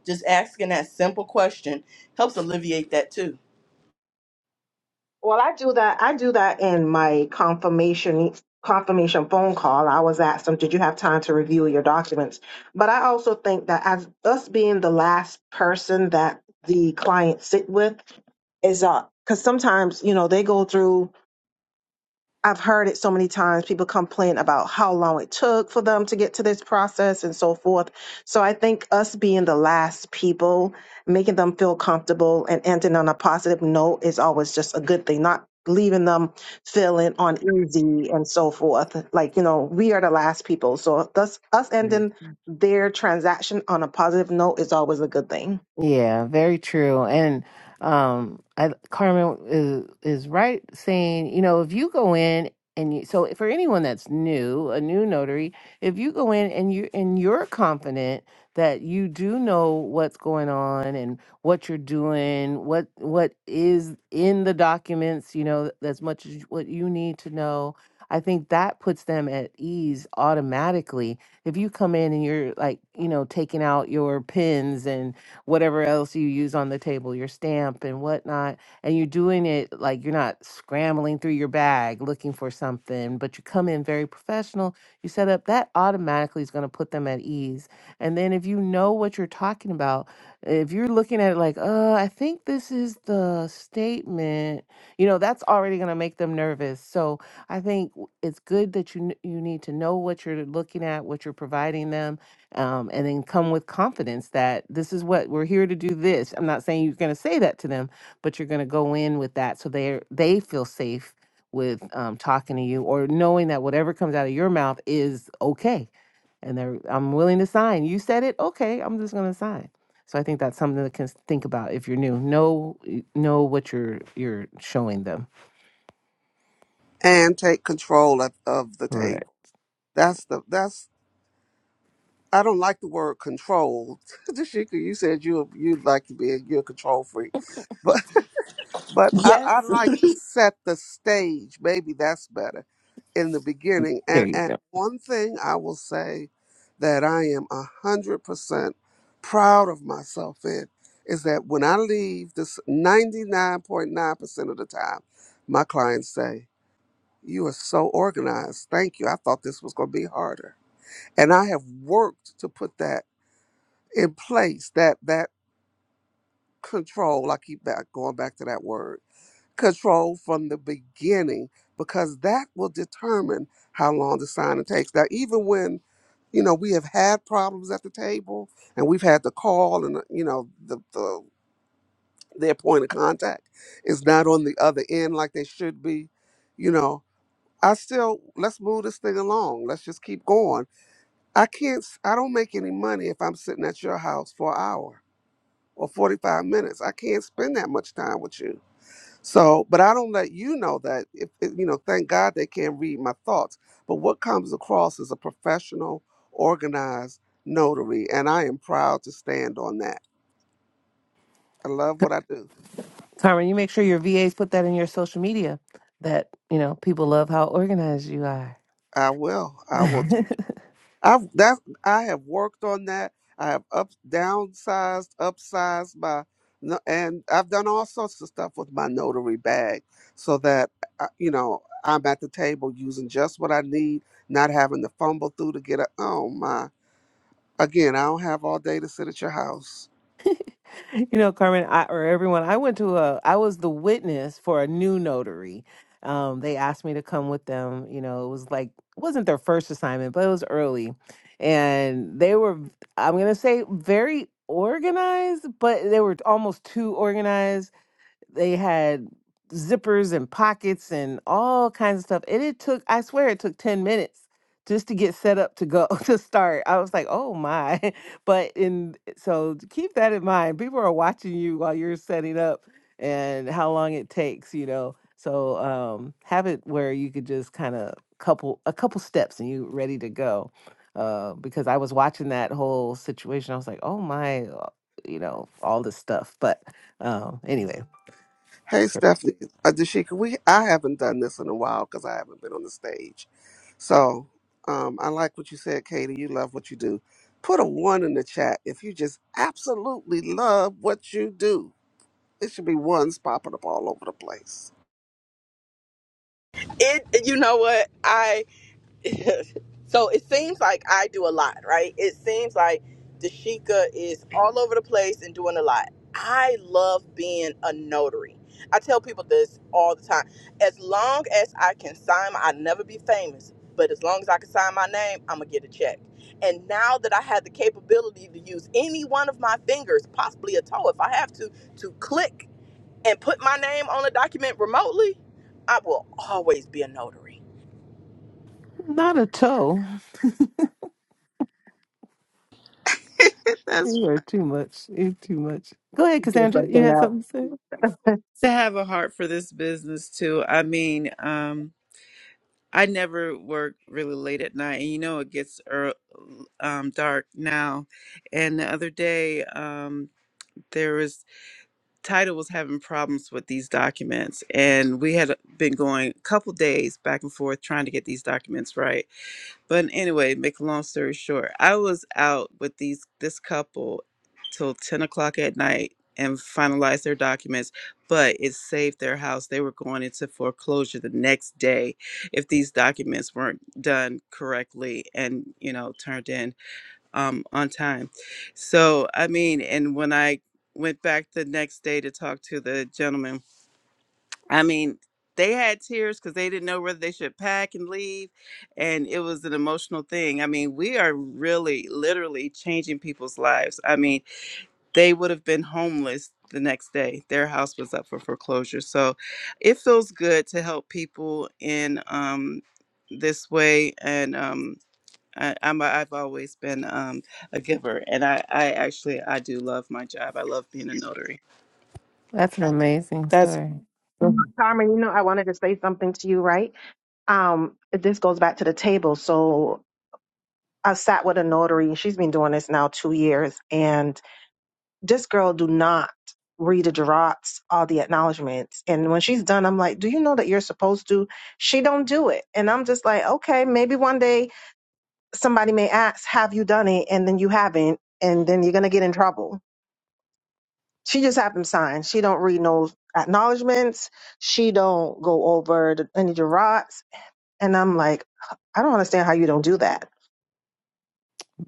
S1: Just asking that simple question helps alleviate that too.
S7: Well, I do that. I do that in my confirmation confirmation phone call. I was asked them, "Did you have time to review your documents?" But I also think that as us being the last person that the client sit with is uh because sometimes you know they go through I've heard it so many times. People complain about how long it took for them to get to this process and so forth. So I think us being the last people, making them feel comfortable and ending on a positive note is always just a good thing, not leaving them feeling uneasy and so forth. Like, you know, we are the last people. So thus us
S2: and
S7: ending their transaction on a positive note is always a good thing.
S2: Yeah, very true. And um I Carmen is is right saying, you know, if you go in and you, so for anyone that's new, a new notary, if you go in and you and you're confident that you do know what's going on and what you're doing, what what is in the documents, you know, as much as what you need to know, I think that puts them at ease automatically. If you come in and you're like, you know, taking out your pins and whatever else you use on the table, your stamp and whatnot. And you're doing it like you're not scrambling through your bag looking for something, but you come in very professional. You set up that automatically is going to put them at ease. And then if you know what you're talking about, if you're looking at it like, uh, I think this is the statement, you know, that's already going to make them nervous. So I think w- it's good that you kn- you need to know what you're looking at, what you're providing them um, and then come with confidence that this is what we're here to do this i'm not saying you're going to say that to them but you're going to go in with that so they they feel safe with um, talking to you or knowing that whatever comes out of your mouth is okay and they're i'm willing to sign you said it okay i'm just going to sign so i think that's something to cons- think about if you're new know know what you're you're showing them
S3: and take control of, of the
S2: Right.
S3: table. That's the that's I don't like the word control. [LAUGHS] Dashika, you said you you'd like to be a, you're a control freak, but but I,
S1: Yes.
S3: I like to set the stage. Maybe that's better in the beginning.
S2: There
S3: And
S2: you
S3: and
S2: go.
S3: one thing I will say that I am a hundred percent proud of myself in is that when I leave, this ninety nine point nine percent of the time, my clients say. You are so organized. Thank you. I thought this was going to be harder. And I have worked to put that in place, that that control. I keep back going back to that word. Control from the beginning because that will determine how long the signing takes. Now even when you know we have had problems at the table and we've had to call and uh, you know the, the their point of contact is not on the other end like they should be, you know, I still let's move this thing along. Let's just keep going. I can't. s- I don't make any money if I'm sitting at your house for an hour or 45 minutes. I can't spend that much time with you. So, but I don't let you know that. If if- you know, thank God they can't read my thoughts. But what comes across is a professional, organized notary, and I am proud to stand on that. I love what I do.
S2: carmen you make sure your vas put that in your social media that you know people love how organized you are
S3: I will.
S2: [LAUGHS]
S3: I will.
S2: you
S3: I've that I have worked on that. I have up downsized, upsized my, no- and I've done all sorts of stuff with my notary bag, so that uh, you know I'm at the table using just what I need, not having to fumble through to get a. Oh my! Again, I don't have all day to sit at your house.
S2: know, Carmen, I, or everyone, I went to a, I was the witness for a new notary. Um, they asked me to come with them. You know, it was like, it wasn't their first assignment, but it was early. And they were, I'm going to say, very organized, but they were almost too organized They had zippers and pockets and all kinds of stuff. And it took, I swear, it took 10 minutes just to get set up to go [LAUGHS] to start. I was like, oh my. [LAUGHS] But in so to keep that in mind. People are watching you while you're setting up and how long it takes, you know. So um have it where you could just kind of couple a couple steps and you ready to go. Uh, because I was watching that whole situation. I was like, oh my, uh, you know, all this stuff. But um, anyways.
S3: Hey
S2: So,
S3: Stephanie, uh, Dashika, we I haven't done this in a while because I haven't been on the stage. So um, I like what you said, Katie. You love what you do. Put a one in the chat if you just absolutely love what you do. It should be ones popping up all over the place.
S1: It you know what? [LAUGHS] so it seems like I do a lot, right? It seems like Dashika is all over the place and doing a lot. I love being a notary. I tell people this all the time. As long as I can sign, my, I'll never be famous, but as long as I can sign my name, I'm going to get a check. And now that I have the capability to use any one of my fingers, possibly a toe if I have to, to click and put my name on a document remotely, I will always be a notary.
S2: not a toe.
S6: [LAUGHS] That's
S2: You are too much. You're too much. Go ahead,
S7: Just
S2: Cassandra. You
S7: something
S2: had
S7: else.
S2: something to say?
S6: to have a heart for this business too. I mean, um, I never work really late at night, and you know it gets ear um, dark now. And the other day, um, there was Title was having problems with these documents, and we had been going a couple days back and forth trying to get these documents right. But anyway, make a long story short, I was out with these this couple till ten o'clock at night and finalized their documents, but it saved their house. They were going into foreclosure the next day if these documents weren't done correctly and you know turned in um, on time. So, I mean, and when I went back the next day to talk to the gentleman, I mean, they had tears because they didn't know whether they should pack and leave. And it was an emotional thing. I mean, we are really literally changing people's lives. I mean, they would have been homeless the next day, their house was up for foreclosure. So it feels good to help people in um, this way. And, um, I, I'm a, I've always been um, a giver, and I, I actually I do love my job. I love being a notary.
S2: That's an amazing
S6: That's
S2: story. Mhm.
S7: Carmen, you know, I wanted to say something to you, right? Um, this goes back to the table. So I sat with a notary. She's been doing this now two years, and this girl do not read the draughts, all the acknowledgments. And when she's done, I'm like, "Do you know that you're supposed to?" She don't do it, and I'm just like, "Okay, maybe one day somebody may ask, have you done it?' And then you haven't, and then you're gonna get in trouble." She just happens sign. She don't read no acknowledgments. She don't go over the, any draughts And I'm like, I don't understand how you don't do that.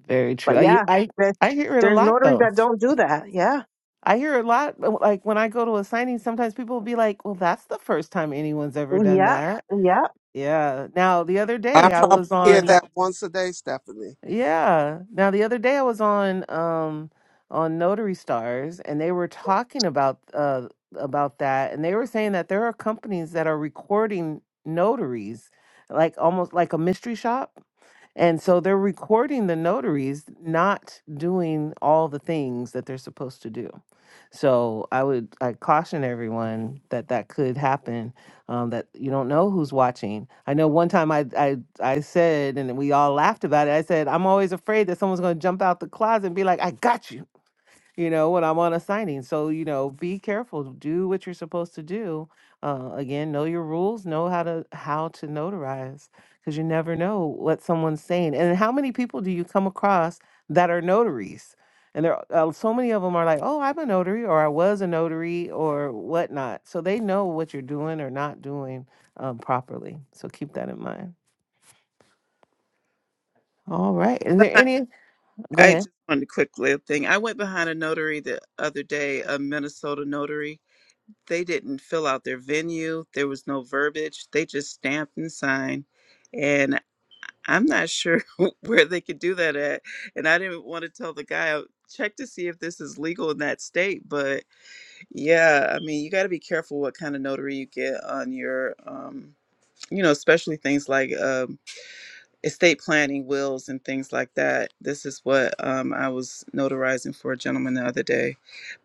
S2: Very
S7: But
S2: true. I,
S7: yeah,
S2: I
S7: there's,
S2: I hear it a
S7: there's
S2: lot
S7: notaries
S2: though.
S7: that don't do that. Yeah.
S2: I hear it a lot. Like when I go to a signing, sometimes people will be like, "Well, that's the first time anyone's ever done
S7: Yeah.
S2: that."
S7: Yeah.
S2: Yeah. Now the other
S3: I
S2: day I
S3: probably
S2: was
S3: hear
S2: on.
S3: that once a day, Stephanie.
S2: Yeah. Now the other day I was on um on Notary Stars and they were talking about uh about that and they were saying that there are companies that are recording notaries like almost like a mystery shop. And so they're recording the notaries not doing all the things that they're supposed to do. So I would I caution everyone that that could happen. Um, that you don't know who's watching. I know one time I I I said, and we all laughed about it. I said, I'm always afraid that someone's going to jump out the closet and be like, "I got you." you know, when I'm on a signing. So, you know, be careful, do what you're supposed to do. Uh, again, know your rules, know how to how to notarize because you never know what someone's saying. And how many people do you come across that are notaries? And there are uh, so many of them are like, "Oh, I'm a notary," or "I was a notary," or whatnot. So they know what you're doing or not doing um, properly. So keep that in mind. All right. Is there any? Go
S6: I
S2: ahead.
S6: just wanted a quick little thing. I went behind a notary the other day, a Minnesota notary. They didn't fill out their venue. There was no verbiage. They just stamped and signed, and I'm not sure [LAUGHS] where they could do that at. And I didn't want to tell the guy. "Oh, Check to see if this is legal in that state, but yeah, I mean, you got to be careful what kind of notary you get on your um, you know, especially things like um, estate planning, wills, and things like that. This is what um, I was notarizing for a gentleman the other day.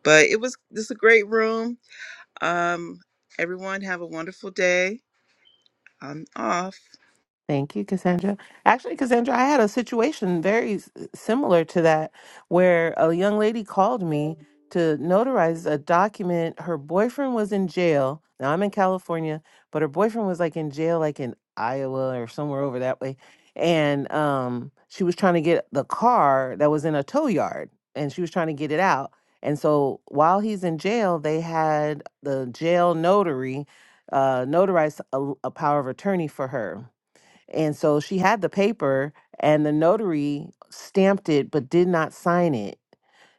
S6: But it was this is a great room. Um, everyone have a wonderful day. I'm off.
S2: Thank you, Cassandra. Actually, Cassandra, I had a situation very s- similar to that where a young lady called me to notarize a document. Her boyfriend was in jail. Now I'm in California, but her boyfriend was like in jail, like in Iowa or somewhere over that way. And um, she was trying to get the car that was in a tow yard and she was trying to get it out. And so while he's in jail, they had the jail notary uh, notarize a, l- a power of attorney for her and so she had the paper and the notary stamped it but did not sign it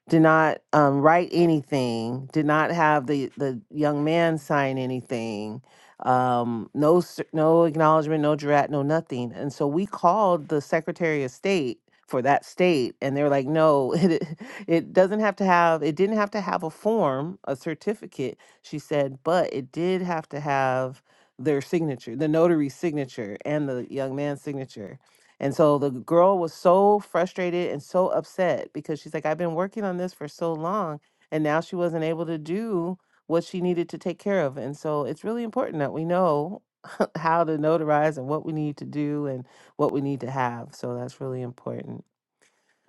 S2: did not um, write anything, did not have the, the young man sign anything, um, no s- no acknowledgement, no drat, no nothing. And so we called the Secretary of State for that state, and they were like, no, [LAUGHS] it it doesn't have to have, it didn't have to have a form, a certificate. She said, but it did have to have their signature, the notary's signature, and the young man's signature. And so the girl was so frustrated and so upset because she's like, I've been working on this for so long, and now she wasn't able to do what she needed to take care of. And so it's really important that we know [LAUGHS] how to notarize and what we need to do and what we need to have. So that's really important.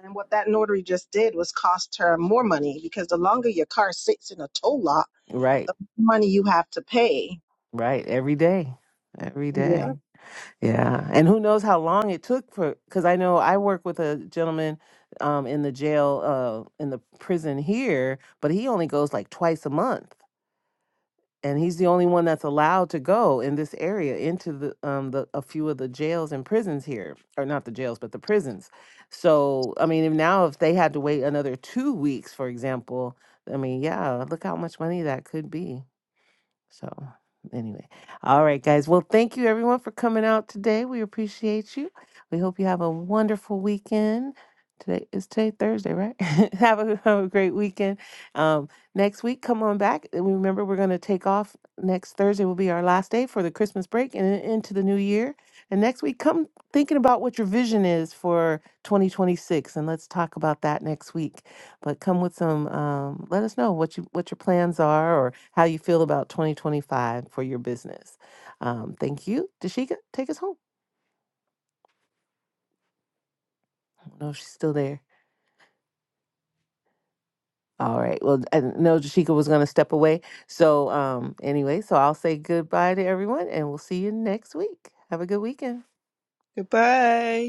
S7: And what that notary just did was cost her more money because the longer your car sits in a tow lot,
S2: Right,
S7: the more money you have to pay.
S2: right. Every day, every
S7: Yeah.
S2: day. Yeah. And who knows how long it took for, because I know I work with a gentleman um, in the jail, uh, in the prison here, but he only goes like twice a month and he's the only one that's allowed to go in this area into the um the a few of the jails and prisons here or not the jails but the prisons so i mean if now if they had to wait another two weeks for example i mean yeah look how much money that could be so, anyway, all right, guys. Well, thank you everyone for coming out today. We appreciate you. We hope you have a wonderful weekend. Today is today Thursday, right? [LAUGHS] have, a, have a great weekend. Um, next week, come on back. And Remember, we're going to take off next Thursday. Will be our last day for the Christmas break and then into the new year. And next week, come thinking about what your vision is for 2026, and let's talk about that next week but come with some um, let us know what you what your plans are or how you feel about 2025 for your business um, thank you dashika take us home I don't know if she's still there all right well i didn't know dashika was going to step away so um, anyway so i'll say goodbye to everyone and we'll see you next week have a good weekend
S6: Goodbye.